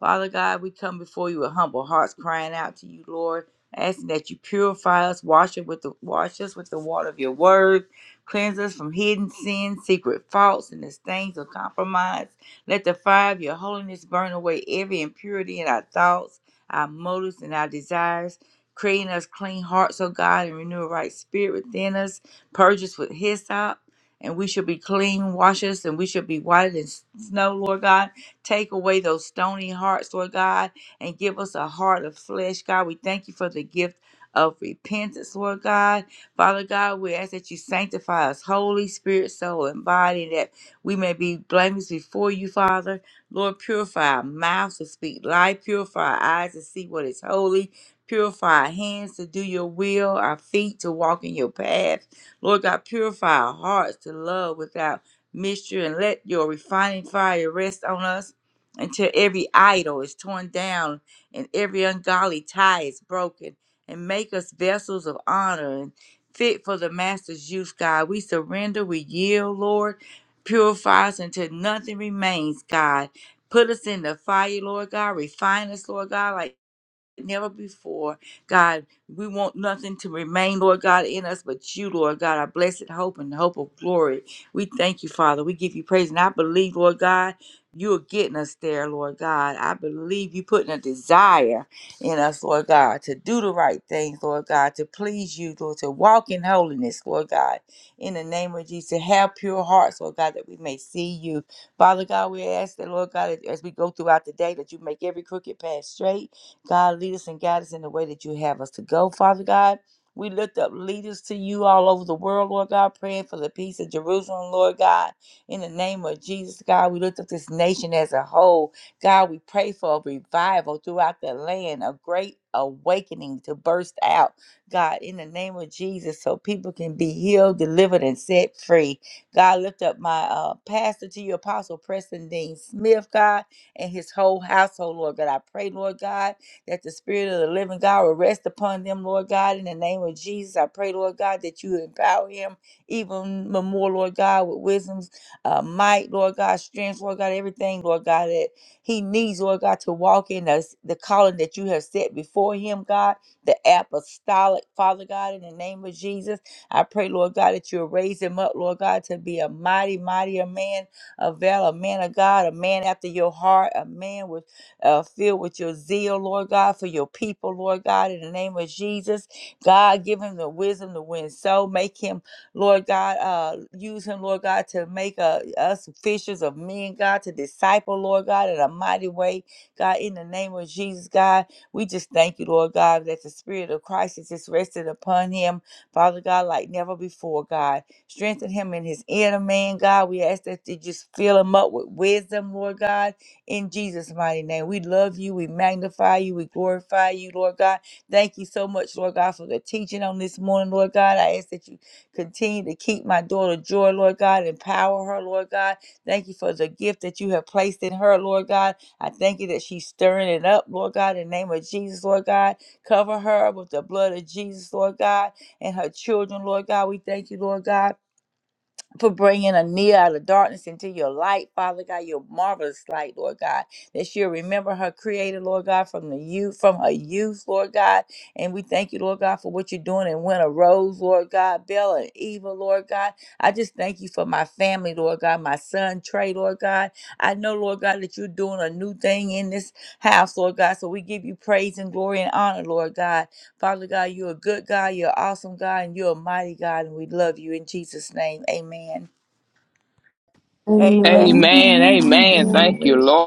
Speaker 5: Father God, we come before you with humble hearts, crying out to you, Lord, asking that you purify us, wash it with the wash us with the water of your word, cleanse us from hidden sins, secret faults, and the stains of compromise. Let the fire of your holiness burn away every impurity in our thoughts, our motives, and our desires. Creating us clean hearts, O God, and renew a right spirit within us. Purge us with hyssop, and we shall be clean. Wash us, and we shall be whiter than s- snow, Lord God. Take away those stony hearts, Lord God, and give us a heart of flesh, God. We thank you for the gift of repentance, Lord God. Father God, we ask that you sanctify us, Holy Spirit, soul, and body, that we may be blameless before you, Father. Lord, purify our mouths to speak life, purify our eyes to see what is holy, purify our hands to do your will, our feet to walk in your path. Lord God, purify our hearts to love without mixture, and let your refining fire rest on us until every idol is torn down and every ungodly tie is broken, and make us vessels of honor and fit for the Master's use, God. We surrender, we yield, Lord. Purify us until nothing remains, God. Put us in the fire, Lord God. Refine us, Lord God, like never before. God, we want nothing to remain, Lord God, in us but you, Lord God, our blessed hope and the hope of glory. We thank you, Father. We give you praise. And I believe, Lord God, you're getting us there, Lord God. I believe you putting a desire in us, Lord God, to do the right things, Lord God, to please you, Lord, to walk in holiness, Lord God, in the name of Jesus, to have pure hearts, Lord God, that we may see you. Father God, we ask that, Lord God, as as we go throughout the day, that you make every crooked path straight God, lead us and guide us in the way that you have us to go, Father God. We lift up leaders to you all over the world, Lord God, praying for the peace of Jerusalem, Lord God. In the name of Jesus, God, we lift up this nation as a whole. God, we pray for a revival throughout the land, a great awakening to burst out, God, in the name of Jesus, so people can be healed, delivered, and set free. God, lift up my uh, pastor to you, Apostle Preston Dean Smith, God, and his whole household, Lord God. I pray, Lord God that the Spirit of the living God will rest upon them, Lord God. In the name of Jesus, I pray, Lord God, that you empower him even more, Lord God, with wisdom's uh, might, Lord God, strength, Lord God, everything, Lord God, that he needs, Lord God, to walk in the, the calling that you have set before him, God, the apostolic, Father God, in the name of Jesus. I pray, Lord God, that you'll raise him up, Lord God, to be a mighty, mightier man, a valor, a man of God, a man after your heart, a man with uh, filled with your zeal, Lord God, for your people, Lord God, in the name of Jesus. God, give him the wisdom to win. So make him, Lord God, uh, use him, Lord God, to make uh, us fishers of men, God, to disciple, Lord God, in a mighty way, God, in the name of Jesus, God. We just thank you, Lord God, that the Spirit of Christ is just rested upon him, Father God, like never before, God. Strengthen him in his inner man, God. We ask that you just fill him up with wisdom, Lord God in Jesus' mighty name. We love you. We magnify you. We glorify you, Lord God. Thank you so much, Lord God, for the teaching on this morning, Lord God. I ask that you continue to keep my daughter Joy, Lord God. Empower her, Lord God. Thank you for the gift that you have placed in her, Lord God. I thank you that she's stirring it up, Lord God, in the name of Jesus, Lord God. Cover her with the blood of Jesus, Lord God, and her children, Lord God. We thank you, Lord God for bringing a near out of darkness into your light, Father God, your marvelous light, Lord God, that she'll remember her creator, Lord God, from the youth, from her youth, Lord God. And we thank you, Lord God, for what you're doing in Winter Rose, Lord God, Bella and Eva, Lord God. I just thank you for my family, Lord God, my son Trey, Lord God. I know, Lord God, that you're doing a new thing in this house, Lord God. So we give you praise and glory and honor, Lord God. Father God, you're a good God, you're an awesome God, and you're a mighty God, and we love you in Jesus' name. Amen.
Speaker 4: Amen.
Speaker 3: Amen.
Speaker 7: Amen. Amen. Thank
Speaker 3: Amen.
Speaker 7: you,
Speaker 8: Amen.
Speaker 7: Lord.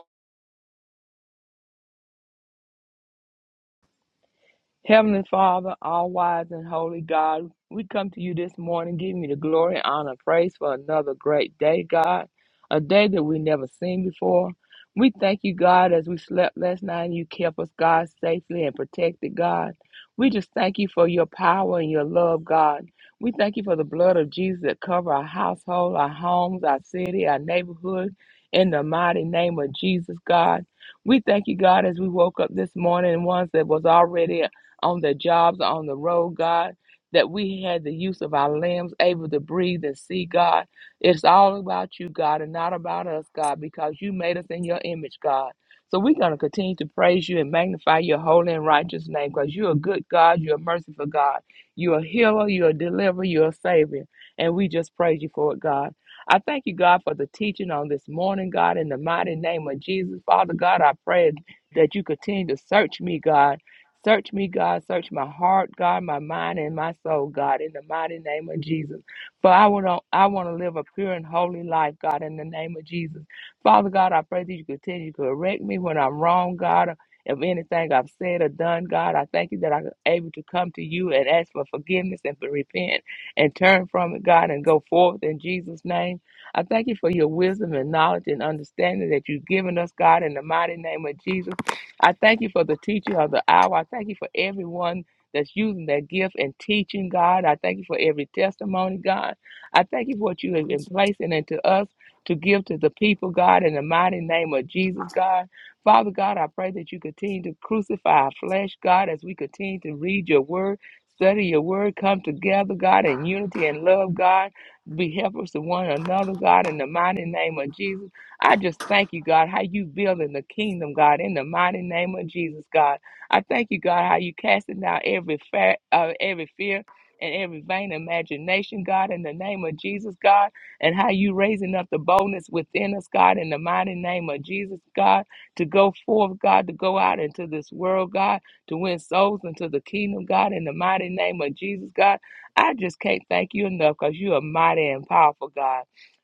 Speaker 7: Heavenly Father, all wise and holy God, we come to you this morning, giving you the glory, honor, and praise for another great day, God, a day that we never seen before. We thank you, God, as we slept last night and you kept us, God, safely and protected, God. We just thank you for your power and your love, God. We thank you for the blood of Jesus that cover our household, our homes, our city, our neighborhood, in the mighty name of Jesus, God. We thank you, God, as we woke up this morning, ones that was already on their jobs, on the road, God, that we had the use of our limbs, able to breathe and see, God. It's all about you, God, and not about us, God, because you made us in your image, God. So we're going to continue to praise you and magnify your holy and righteous name because you're a good God, you're a merciful God, you're a healer, you're a deliverer, you're a savior. And we just praise you for it, God. I thank you, God, for the teaching on this morning, God, in the mighty name of Jesus. Father God, I pray that you continue to search me, God Search me, God. Search my heart, God, my mind, and my soul, God, in the mighty name of Jesus. For I want to, I want to live a pure and holy life, God, in the name of Jesus. Father God, I pray that you continue to correct me when I'm wrong, God. If anything I've said or done, God, I thank you that I'm able to come to you and ask for forgiveness and to repent and turn from it, God, and go forth in Jesus' name. I thank you for your wisdom and knowledge and understanding that you've given us, God, in the mighty name of Jesus. I thank you for the teacher of the hour. I thank you for everyone that's using their gift and teaching, God. I thank you for every testimony, God. I thank you for what you have been placing into us to give to the people, God, in the mighty name of Jesus, God. Father God, I pray that you continue to crucify our flesh, God, as we continue to read your word. Study your word, come together, God, in unity and love, God. Be helpers to one another, God, in the mighty name of Jesus. I just thank you, God, how you building the kingdom, God, in the mighty name of Jesus, God. I thank you, God, how you casting down every fa- uh, every fear and every vain imagination, God, in the name of Jesus, God, and how you raising up the boldness within us, God, in the mighty name of Jesus, God, to go forth, God, to go out into this world, God, to win souls into the kingdom, God, in the mighty name of Jesus, God. I just can't thank you enough because you are mighty and powerful, God.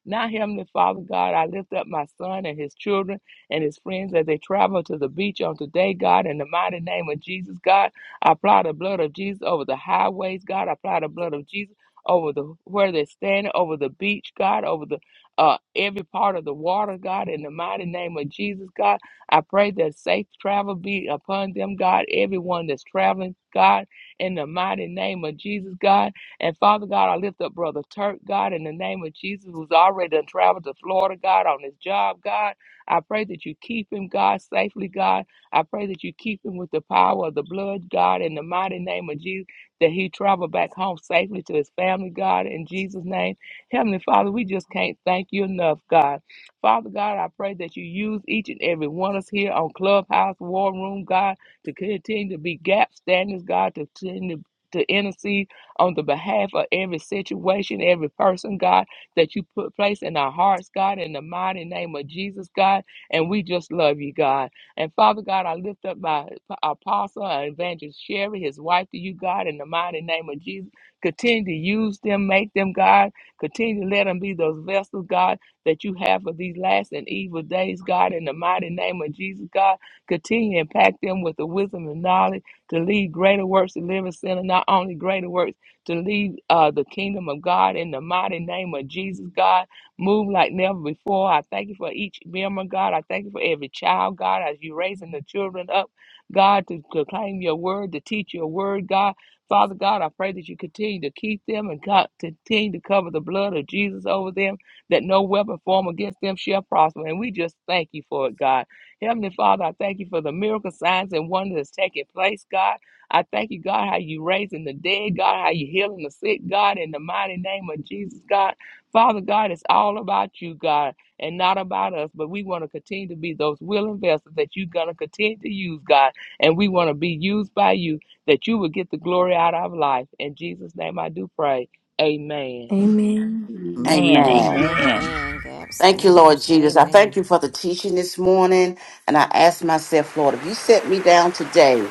Speaker 7: Now, Heavenly Father God, I lift up my son and his children and his friends as they travel to the beach on today, God, in the mighty name of Jesus, God. I apply the blood of Jesus over the highways, God. I apply the blood of Jesus over the where they're standing, over the beach, God, over the uh, every part of the water, God, in the mighty name of Jesus, God. I pray that safe travel be upon them, God, everyone that's traveling, God, in the mighty name of Jesus, God. And Father God, I lift up Brother Turk, God, in the name of Jesus, who's already done traveled to Florida, God, on his job, God. I pray that you keep him, God, safely, God. I pray that you keep him with the power of the blood, God, in the mighty name of Jesus, that he travel back home safely to his family, God, in Jesus' name. Heavenly Father, we just can't thank you enough, God. Father God, I pray that you use each and every one of us here on Clubhouse, War Room, God, to continue to be gap standards, God, to continue to intercede on the behalf of every situation, every person, God, that you put place in our hearts, God, in the mighty name of Jesus, God. And we just love you, God. And Father God, I lift up my apostle and evangelist Sherry, his wife to you, God, in the mighty name of Jesus. Continue to use them, make them, God. Continue to let them be those vessels, God, that you have for these last and evil days, God, in the mighty name of Jesus, God. Continue to impact them with the wisdom and knowledge to lead greater works to live in sin, and not only greater works to lead uh, the kingdom of God in the mighty name of Jesus, God. Move like never before. I thank you for each member, God. I thank you for every child, God, as you raising the children up, God, to proclaim your word, to teach your word, God. Father God, I pray that you continue to keep them and co- continue to cover the blood of Jesus over them, that no weapon formed against them shall prosper. And we just thank you for it, God. Heavenly Father, I thank you for the miracle signs and wonders that's taking place, God. I thank you, God, how you raising the dead, God, how you healing the sick, God, in the mighty name of Jesus, God. Father God, it's all about you, God, and not about us. But we want to continue to be those willing vessels that you're going to continue to use, God. And we want to be used by you, that you will get the glory out of our life. In Jesus' name I do pray. Amen.
Speaker 1: Amen.
Speaker 5: Man,
Speaker 9: Amen.
Speaker 5: amen.
Speaker 6: Amen, Gab
Speaker 9: Thank you, Lord
Speaker 6: Standards.
Speaker 9: Jesus. I thank
Speaker 6: Amen.
Speaker 9: you for the teaching this morning. And I ask myself, Lord, if you set me down today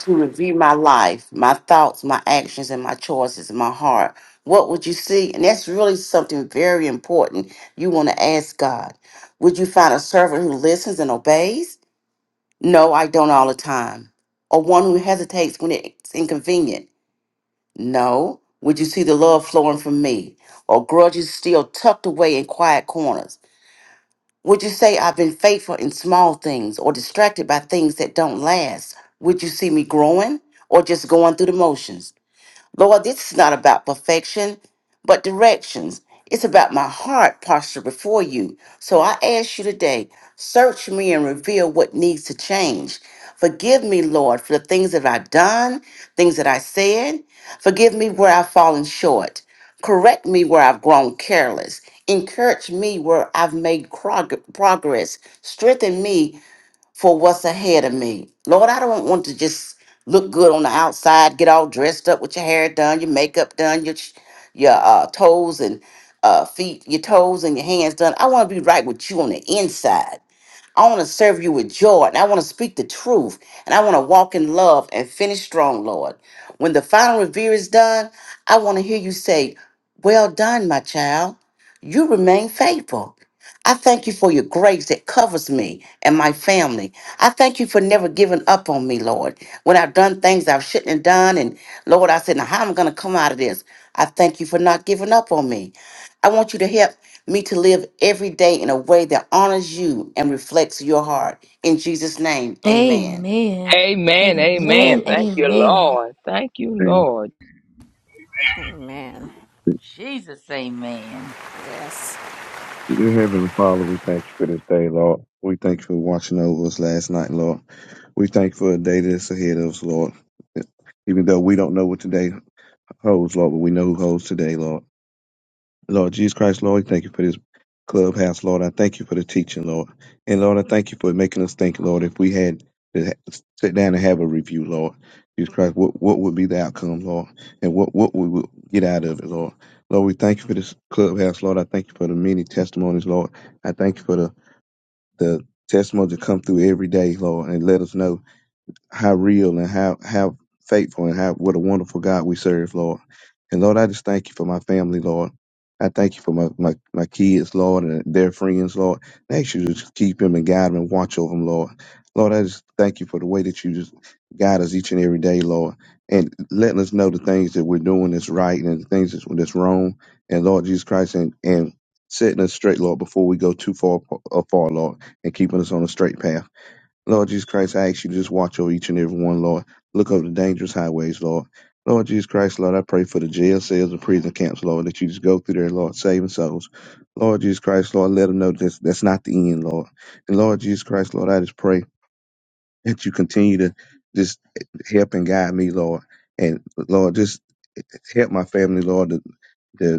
Speaker 9: to review my life, my thoughts, my actions, and my choices, my heart, what would you see? And that's really something very important you want to ask God. Would you find a servant who listens and obeys? No, I don't all the time. Or one who hesitates when it's inconvenient? No. Would you see the love flowing from me? Or grudges still tucked away in quiet corners? Would you say I've been faithful in small things or distracted by things that don't last? Would you see me growing or just going through the motions? Lord, this is not about perfection, but directions. It's about my heart posture before you. So I ask you today, search me and reveal what needs to change. Forgive me, Lord, for the things that I've done, things that I said. Forgive me where I've fallen short. Correct me where I've grown careless. Encourage me where I've made prog- progress. Strengthen me for what's ahead of me. Lord, I don't want to just look good on the outside, get all dressed up with your hair done, your makeup done, your sh- your uh, toes and uh, feet, your toes and your hands done. I want to be right with you on the inside. I want to serve you with joy and I want to speak the truth and I want to walk in love and finish strong, Lord. When the final review is done, I want to hear you say, Well done, my child. You remain faithful. I thank you for your grace that covers me and my family. I thank you for never giving up on me, Lord. When I've done things I shouldn't have done, and Lord, I said, Now, how am I going to come out of this? I thank you for not giving up on me. I want you to help me to live every day in a way that honors you and reflects your heart. In Jesus' name, amen.
Speaker 1: Amen.
Speaker 7: Amen.
Speaker 1: Amen.
Speaker 7: Amen. Thank you,
Speaker 1: Amen.
Speaker 7: Lord. Thank you,
Speaker 8: Thank
Speaker 7: Lord.
Speaker 6: Amen.
Speaker 5: Jesus, amen.
Speaker 8: Dear Heavenly Father, we thank you for this day, Lord. We thank you for watching over us last night, Lord. We thank you for a day that's ahead of us, Lord. Even though we don't know what today holds, Lord, but we know who holds today, Lord. Lord Jesus Christ, Lord, we thank you for this clubhouse, Lord. I thank you for the teaching, Lord. And Lord, I thank you for making us think, Lord, if we had to ha- sit down and have a review, Lord. Jesus Christ, what, what would be the outcome, Lord? And what, what we would get out of it, Lord. Lord, we thank you for this clubhouse, Lord. I thank you for the many testimonies, Lord. I thank you for the, the testimonies that come through every day, Lord, and let us know how real and how how faithful and how what a wonderful God we serve, Lord. And Lord, I just thank you for my family, Lord. I thank you for my, my, my kids, Lord, and their friends, Lord. I ask you to just keep them and guide them and watch over them, Lord. Lord, I just thank you for the way that you just guide us each and every day, Lord, and letting us know the things that we're doing that's right and the things that's, that's wrong. And Lord Jesus Christ, and, and setting us straight, Lord, before we go too far, uh, far, Lord, and keeping us on a straight path. Lord Jesus Christ, I ask you to just watch over each and every one, Lord. Look over the dangerous highways, Lord. Lord Jesus Christ, Lord, I pray for the jail cells and prison camps, Lord, that you just go through there, Lord, saving souls. Lord Jesus Christ, Lord, let them know that's, that's not the end, Lord. And Lord Jesus Christ, Lord, I just pray that you continue to just help and guide me, Lord. And Lord, just help my family, Lord, to,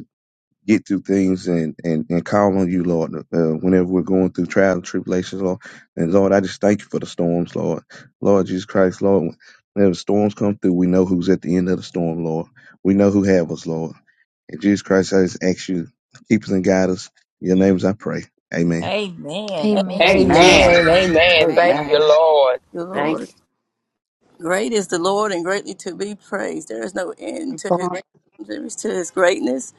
Speaker 8: get through things and, and, and call on you, Lord, uh, whenever we're going through trials and tribulations, Lord. And Lord, I just thank you for the storms, Lord. Lord Jesus Christ, Lord, whenever storms come through, we know who's at the end of the storm, Lord. We know who have us, Lord. And Jesus Christ, I just ask you, to keep us and guide us. In your names I pray. Amen.
Speaker 5: Amen.
Speaker 4: Thank
Speaker 5: Thank
Speaker 1: Amen.
Speaker 5: you,
Speaker 6: Amen.
Speaker 9: Amen.
Speaker 5: Jesus.
Speaker 7: Amen. Amen. Thank you,
Speaker 9: Amen.
Speaker 6: Amen.
Speaker 7: Lord.
Speaker 4: you,
Speaker 9: Thank
Speaker 4: Lord.
Speaker 9: you.
Speaker 4: Great is the Lord and greatly to be praised. There is no end
Speaker 10: We
Speaker 4: to his
Speaker 10: bind
Speaker 4: there is to his greatness.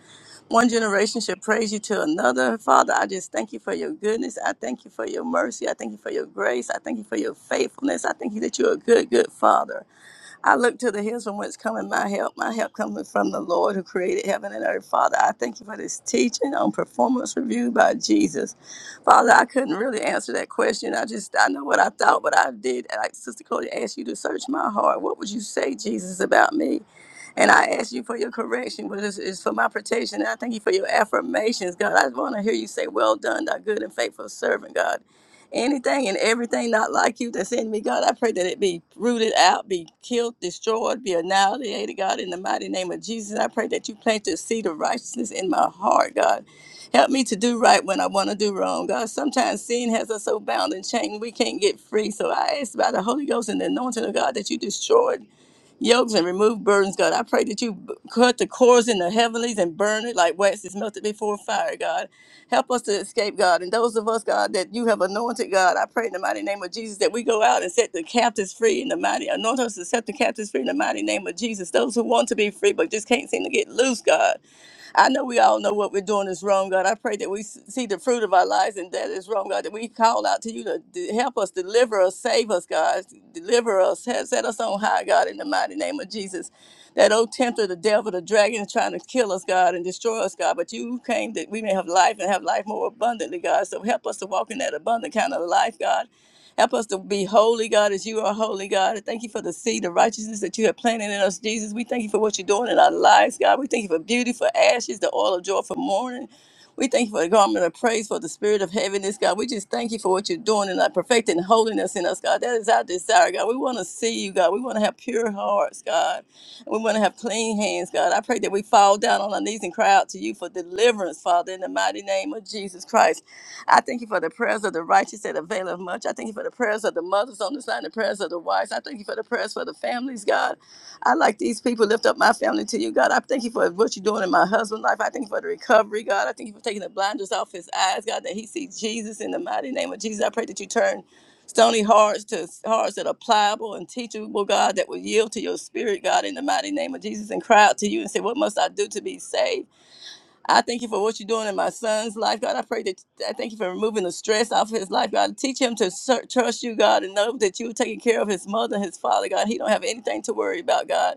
Speaker 4: One generation shall praise you to another. Father, I just thank you for your goodness. I thank you for your mercy. I thank you for your grace. I thank you for your faithfulness. I thank you that you're a good, good father. I look to the hills from whence cometh my help. My help cometh from the Lord who created heaven and earth. Father, I thank you for this teaching on performance review by Jesus. Father, I couldn't really answer that question. I just, I know what I thought, but I did. Like Sister Cody asked you to search my heart. What would you say, Jesus, about me? And I ask you for your correction, but it's, it's for my protection. And I thank you for your affirmations, God. I want to hear you say, Well done, thy good and faithful servant, God anything and everything not like you that's in me, God. I pray that it be rooted out, be killed, destroyed, be annihilated, God, in the mighty name of Jesus. I pray that you plant the seed of righteousness in my heart, God. Help me to do right when I want to do wrong, God. Sometimes sin has us so bound and chained we can't get free. So I ask by the Holy Ghost and the anointing of God that you destroy yokes and remove burdens, God. I pray that you b- cut the cords in the heavenlies and burn it like wax is melted before fire, God. Help us to escape, God. And those of us, God, that you have anointed, God, I pray in the mighty name of Jesus that we go out and set the captives free in the mighty, anoint us to set the captives free in the mighty name of Jesus. Those who want to be free but just can't seem to get loose, God. I know we all know what we're doing is wrong, God. I pray that we s- see the fruit of our lives and that is wrong, God. That we call out to you to, to help us, deliver us, save us, God. Deliver us, he- set us on high, God, in the mighty name of Jesus. That old tempter, the devil, the dragon is trying to kill us, God, and destroy us, God. But you came that we may have life and have life more abundantly, God. So help us to walk in that abundant kind of life, God. Help us to be holy, God, as you are holy, God. And thank you for the seed of righteousness that you have planted in us, Jesus. We thank you for what you're doing in our lives, God. We thank you for beauty, for ashes, the oil of joy, for mourning. We thank you for the garment of praise, for the spirit of heaviness, God. We just thank you for what you're doing and our perfecting holiness in us, God. That is our desire, God. We want to see you, God. We want to have pure hearts, God. And we want to have clean hands, God. I pray that we fall down on our knees and cry out to you for deliverance, Father, in the mighty name of Jesus Christ. I thank you for the prayers of the righteous that avail of much. I thank you for the prayers of the mothers on this line, the prayers of the wives. I thank you for the prayers for the families, God. I like these people lift up my family to you, God. I thank you for what you're doing in my husband's life. I thank you for the recovery, God. I thank you for taking the blinders off his eyes, God, that he sees Jesus in the mighty name of Jesus. I pray that you turn stony hearts to hearts that are pliable and teachable, God, that will yield to your spirit, God, in the mighty name of Jesus and cry out to you and say, What must I do to be saved? I thank you for what you're doing in my son's life, God. I pray that I thank you for removing the stress off his life, God. Teach him to ser- trust you, God, and know that you're taking care of his mother and his father, God. He don't have anything to worry about, God.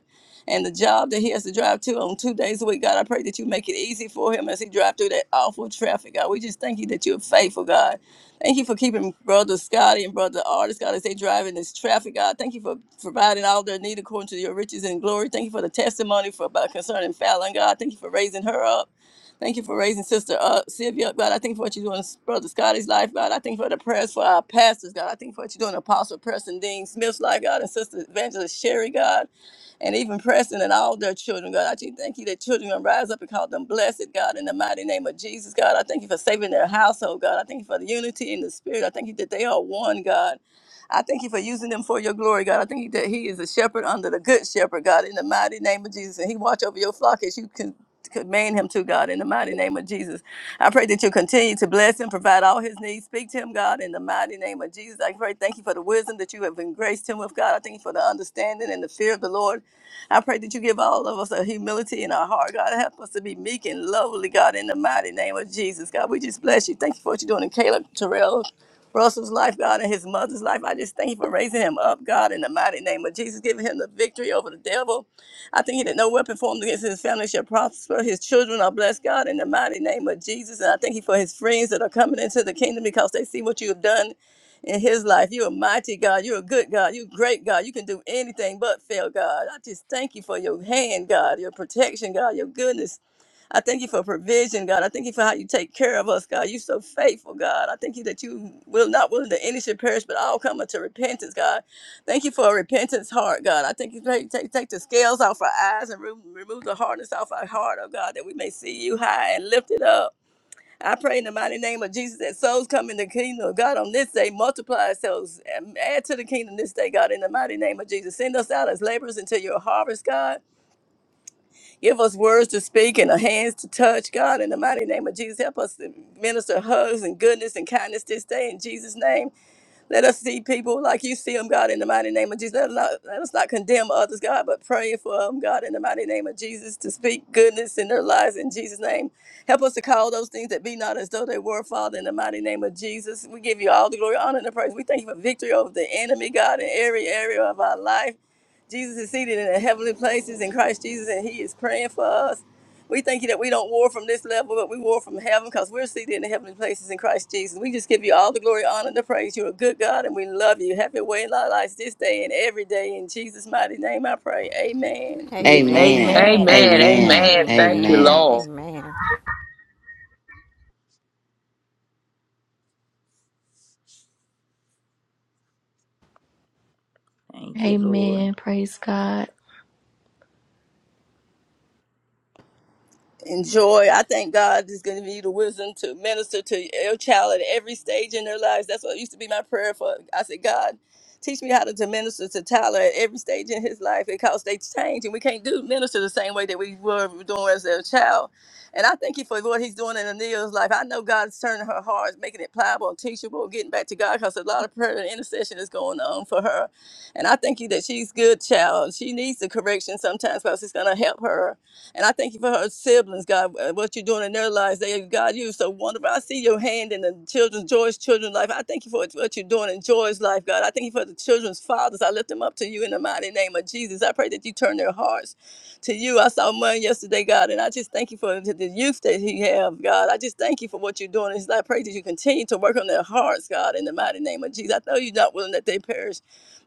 Speaker 4: And the job that he has to drive to on two days a week, God, I pray that you make it easy for him as he drives through that awful traffic, God. We just thank you that you're faithful, God. Thank you for keeping Brother Scotty and Brother Artist, God, as they drive in this traffic, God. Thank you for providing all their need according to your riches and glory. Thank you for the testimony for about concerning Fallon, God. Thank you for raising her up. Thank you for raising Sister uh, Sylvia, God. I thank you for what you're doing in Brother Scotty's life, God. I thank you for the prayers for our pastors, God. I thank you for what you're doing in Apostle Preston Dean Smith's life, God, and Sister Evangelist Sherry, God, and even Preston and all their children, God. I just thank you that children gonna rise up and call them blessed, God, in the mighty name of Jesus, God. I thank you for saving their household, God. I thank you for the unity in the spirit. I thank you that they are one, God. I thank you for using them for your glory, God. I thank you that He is a shepherd under the good shepherd, God, in the mighty name of Jesus. And He watch over your flock as you can command him to God in the mighty name of Jesus. I pray that you continue to bless him, provide all his needs. Speak to him, God, in the mighty name of Jesus. I pray, thank you for the wisdom that you have engraced him with, God. I thank you for the understanding and the fear of the Lord. I pray that you give all of us a humility in our heart, God. Help us to be meek and lowly, God, in the mighty name of Jesus. God, we just bless you. Thank you for what you're doing in Caleb Terrell. Russell's life, God, and his mother's life. I just thank you for raising him up, God, in the mighty name of Jesus, giving him the victory over the devil. I think he that no weapon formed against his family shall prosper. His children are blessed, God, in the mighty name of Jesus. And I thank you for his friends that are coming into the kingdom because they see what you have done in his life. You're a mighty God. You're a good God. You're a great God. You can do anything but fail, God. I just thank you for your hand, God, your protection, God, your goodness. I thank you for provision, God. I thank you for how you take care of us, God. You're so faithful, God. I thank you that you will not willing that any should perish, but all come unto repentance, God. Thank you for a repentance heart, God. I thank you for take, take take the scales off our eyes and remo- remove the hardness off our heart, oh God, that we may see you high and lifted up. I pray in the mighty name of Jesus that souls come in the kingdom of God on this day. Multiply souls and add to the kingdom this day, God, in the mighty name of Jesus. Send us out as laborers into your harvest, God. Give us words to speak and a hands to touch. God, in the mighty name of Jesus, help us to minister hugs and goodness and kindness this day in Jesus' name. Let us see people like you see them, God, in the mighty name of Jesus. Let us not, let us not condemn others, God, but pray for them, God, in the mighty name of Jesus, to speak goodness in their lives in Jesus' name. Help us to call those things that be not as though they were, Father, in the mighty name of Jesus. We give you all the glory, honor, and the praise. We thank you for victory over the enemy, God, in every area of our life. Jesus is seated in the heavenly places in Christ Jesus, and He is praying for us. We thank you that we don't war from this level, but we war from heaven because we're seated in the heavenly places in Christ Jesus. We just give you all the glory, honor, and the praise. You're a good God, and we love you. Have your way in our lives this day and every day. In Jesus' mighty name, I pray. Amen.
Speaker 8: Amen.
Speaker 6: Amen.
Speaker 9: Amen.
Speaker 5: Amen.
Speaker 7: Amen.
Speaker 6: Amen.
Speaker 5: Amen.
Speaker 9: Amen.
Speaker 7: Amen.
Speaker 6: Amen.
Speaker 7: Thank you,
Speaker 9: Amen.
Speaker 7: Lord.
Speaker 6: Amen.
Speaker 5: Thank you, Lord.
Speaker 1: Amen. Praise God.
Speaker 4: enjoy. I thank God is going to be the wisdom to minister to your child at every stage in their lives. That's what used to be my prayer for. I said, God, teach me how to, to minister to Tyler at every stage in his life because they change and we can't do minister the same way that we were doing as their child. And I thank you for what he's doing in Ania's life. I know God's turning her heart, making it pliable and teachable, getting back to God because a lot of prayer and intercession is going on for her. And I thank you that she's good, child. She needs the correction sometimes because it's going to help her and I thank you for her siblings, God, uh, what you're doing in their lives. They, God, you're so wonderful. I see your hand in the children's, Joy's children's life. I thank you for what you're doing in Joy's life, God. I thank you for the children's fathers. I lift them up to you in the mighty name of Jesus. I pray that you turn their hearts to you. I saw mine yesterday, God, and I just thank you for the the youth that he have, God. I just thank you for what you're doing. And I pray that you continue to work on their hearts, God, in the mighty name of Jesus. I know you're not willing that they perish,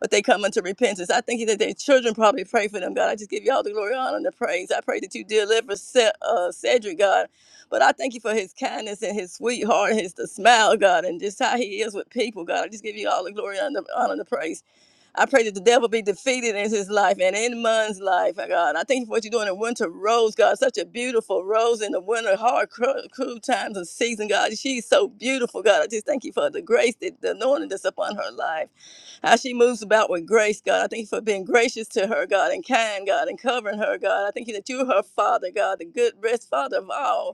Speaker 4: but they come unto repentance. I thank you that their children probably pray for them, God. I just give you all the glory, honor, and the praise. I pray that you deliver Ce- uh, Cedric, God. But I thank you for his kindness and his sweetheart, his the smile, God, and just how he is with people, God. I just give you all the glory, honor, honor, and the praise. I pray that the devil be defeated in his life and in Mun's life, oh God. I thank you for what you're doing in winter rose, God. Such a beautiful rose in the winter, hard, cru- cruel times of season, God. She's so beautiful, God. I just thank you for the grace, that, the anointing that's upon her life. How she moves about with grace, God. I thank you for being gracious to her, God, and kind, God, and covering her, God. I thank you that you're her father, God, the good, best father of all.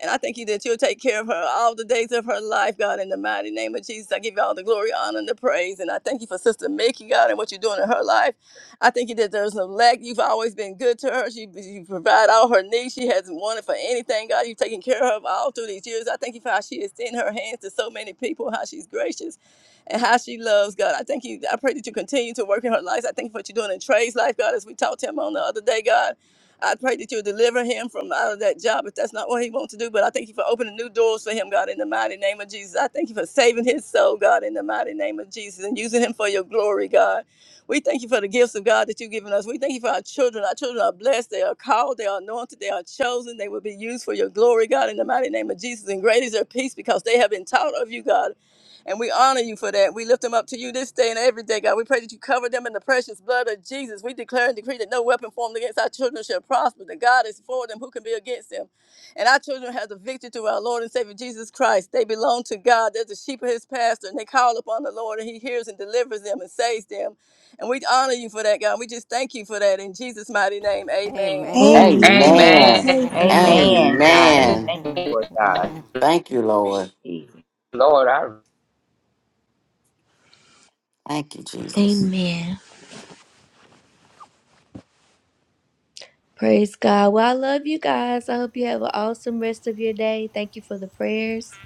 Speaker 4: And I thank you that you'll take care of her all the days of her life, God, in the mighty name of Jesus. I give you all the glory, honor, and the praise. And I thank you for Sister Mickey, God, and what you're doing in her life. I thank you that there's no lack. You've always been good to her. She, you provide all her needs. She hasn't wanted for anything, God. You've taken care of her all through these years. I thank you for how she extends her hands to so many people, how she's gracious and how she loves God. I thank you. I pray that you continue to work in her life. I thank you for what you're doing in Trey's life, God, as we talked to him on the other day, God. I pray that you'll deliver him from out of that job if that's not what he wants to do. But I thank you for opening new doors for him, God, in the mighty name of Jesus. I thank you for saving his soul, God, in the mighty name of Jesus, and using him for your glory, God. We thank you for the gifts of God that you've given us. We thank you for our children. Our children are blessed. They are called. They are anointed. They are chosen. They will be used for your glory, God, in the mighty name of Jesus. And great is their peace because they have been taught of you, God. And we honor you for that. We lift them up to you this day and every day, God. We pray that you cover them in the precious blood of Jesus. We declare and decree that no weapon formed against our children shall prosper. That God is for them. Who can be against them? And our children have the victory through our Lord and Savior Jesus Christ. They belong to God. They're the sheep of his pasture, And they call upon the Lord and he hears and delivers them and saves them. And we honor you for that, God. We just thank you for that in Jesus' mighty name.
Speaker 6: Amen.
Speaker 4: Amen.
Speaker 1: Amen.
Speaker 7: Amen.
Speaker 9: Amen.
Speaker 6: Amen.
Speaker 1: Amen.
Speaker 5: Amen, God.
Speaker 9: Amen.
Speaker 5: Thank you,
Speaker 6: Amen.
Speaker 5: Lord God.
Speaker 6: Amen.
Speaker 9: Thank you, Lord.
Speaker 5: Jesus.
Speaker 7: Lord, I
Speaker 9: Thank you, Jesus.
Speaker 1: Amen. Praise God. Well, I love you guys. I hope you have an awesome rest of your day. Thank you for the prayers.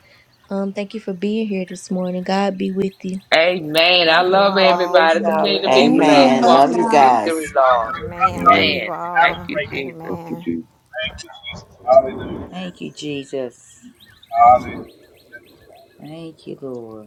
Speaker 1: Um, thank you for being here this morning. God be with you.
Speaker 7: Amen. I
Speaker 6: Love you
Speaker 5: Amen.
Speaker 7: love
Speaker 5: God
Speaker 6: all.
Speaker 5: bless
Speaker 7: everybody.
Speaker 5: y'all.
Speaker 7: Continue to
Speaker 5: Love
Speaker 7: be
Speaker 5: you
Speaker 7: blessed.
Speaker 6: Amen.
Speaker 3: Amen.
Speaker 9: Amen.
Speaker 5: all.
Speaker 3: Love
Speaker 7: Walk
Speaker 9: Love you
Speaker 7: in
Speaker 3: y'all.
Speaker 9: guys.
Speaker 7: victory, Lord.
Speaker 6: Amen. Love
Speaker 8: Amen.
Speaker 6: you
Speaker 7: Amen. Thank
Speaker 2: Have a
Speaker 6: all.
Speaker 7: you,
Speaker 2: great day.
Speaker 7: Jesus.
Speaker 8: Thank
Speaker 6: Amen.
Speaker 8: you, Jesus.
Speaker 2: Thank you, Jesus. Hallelujah.
Speaker 5: Thank you, Jesus.
Speaker 2: Hallelujah.
Speaker 5: Thank you, Lord.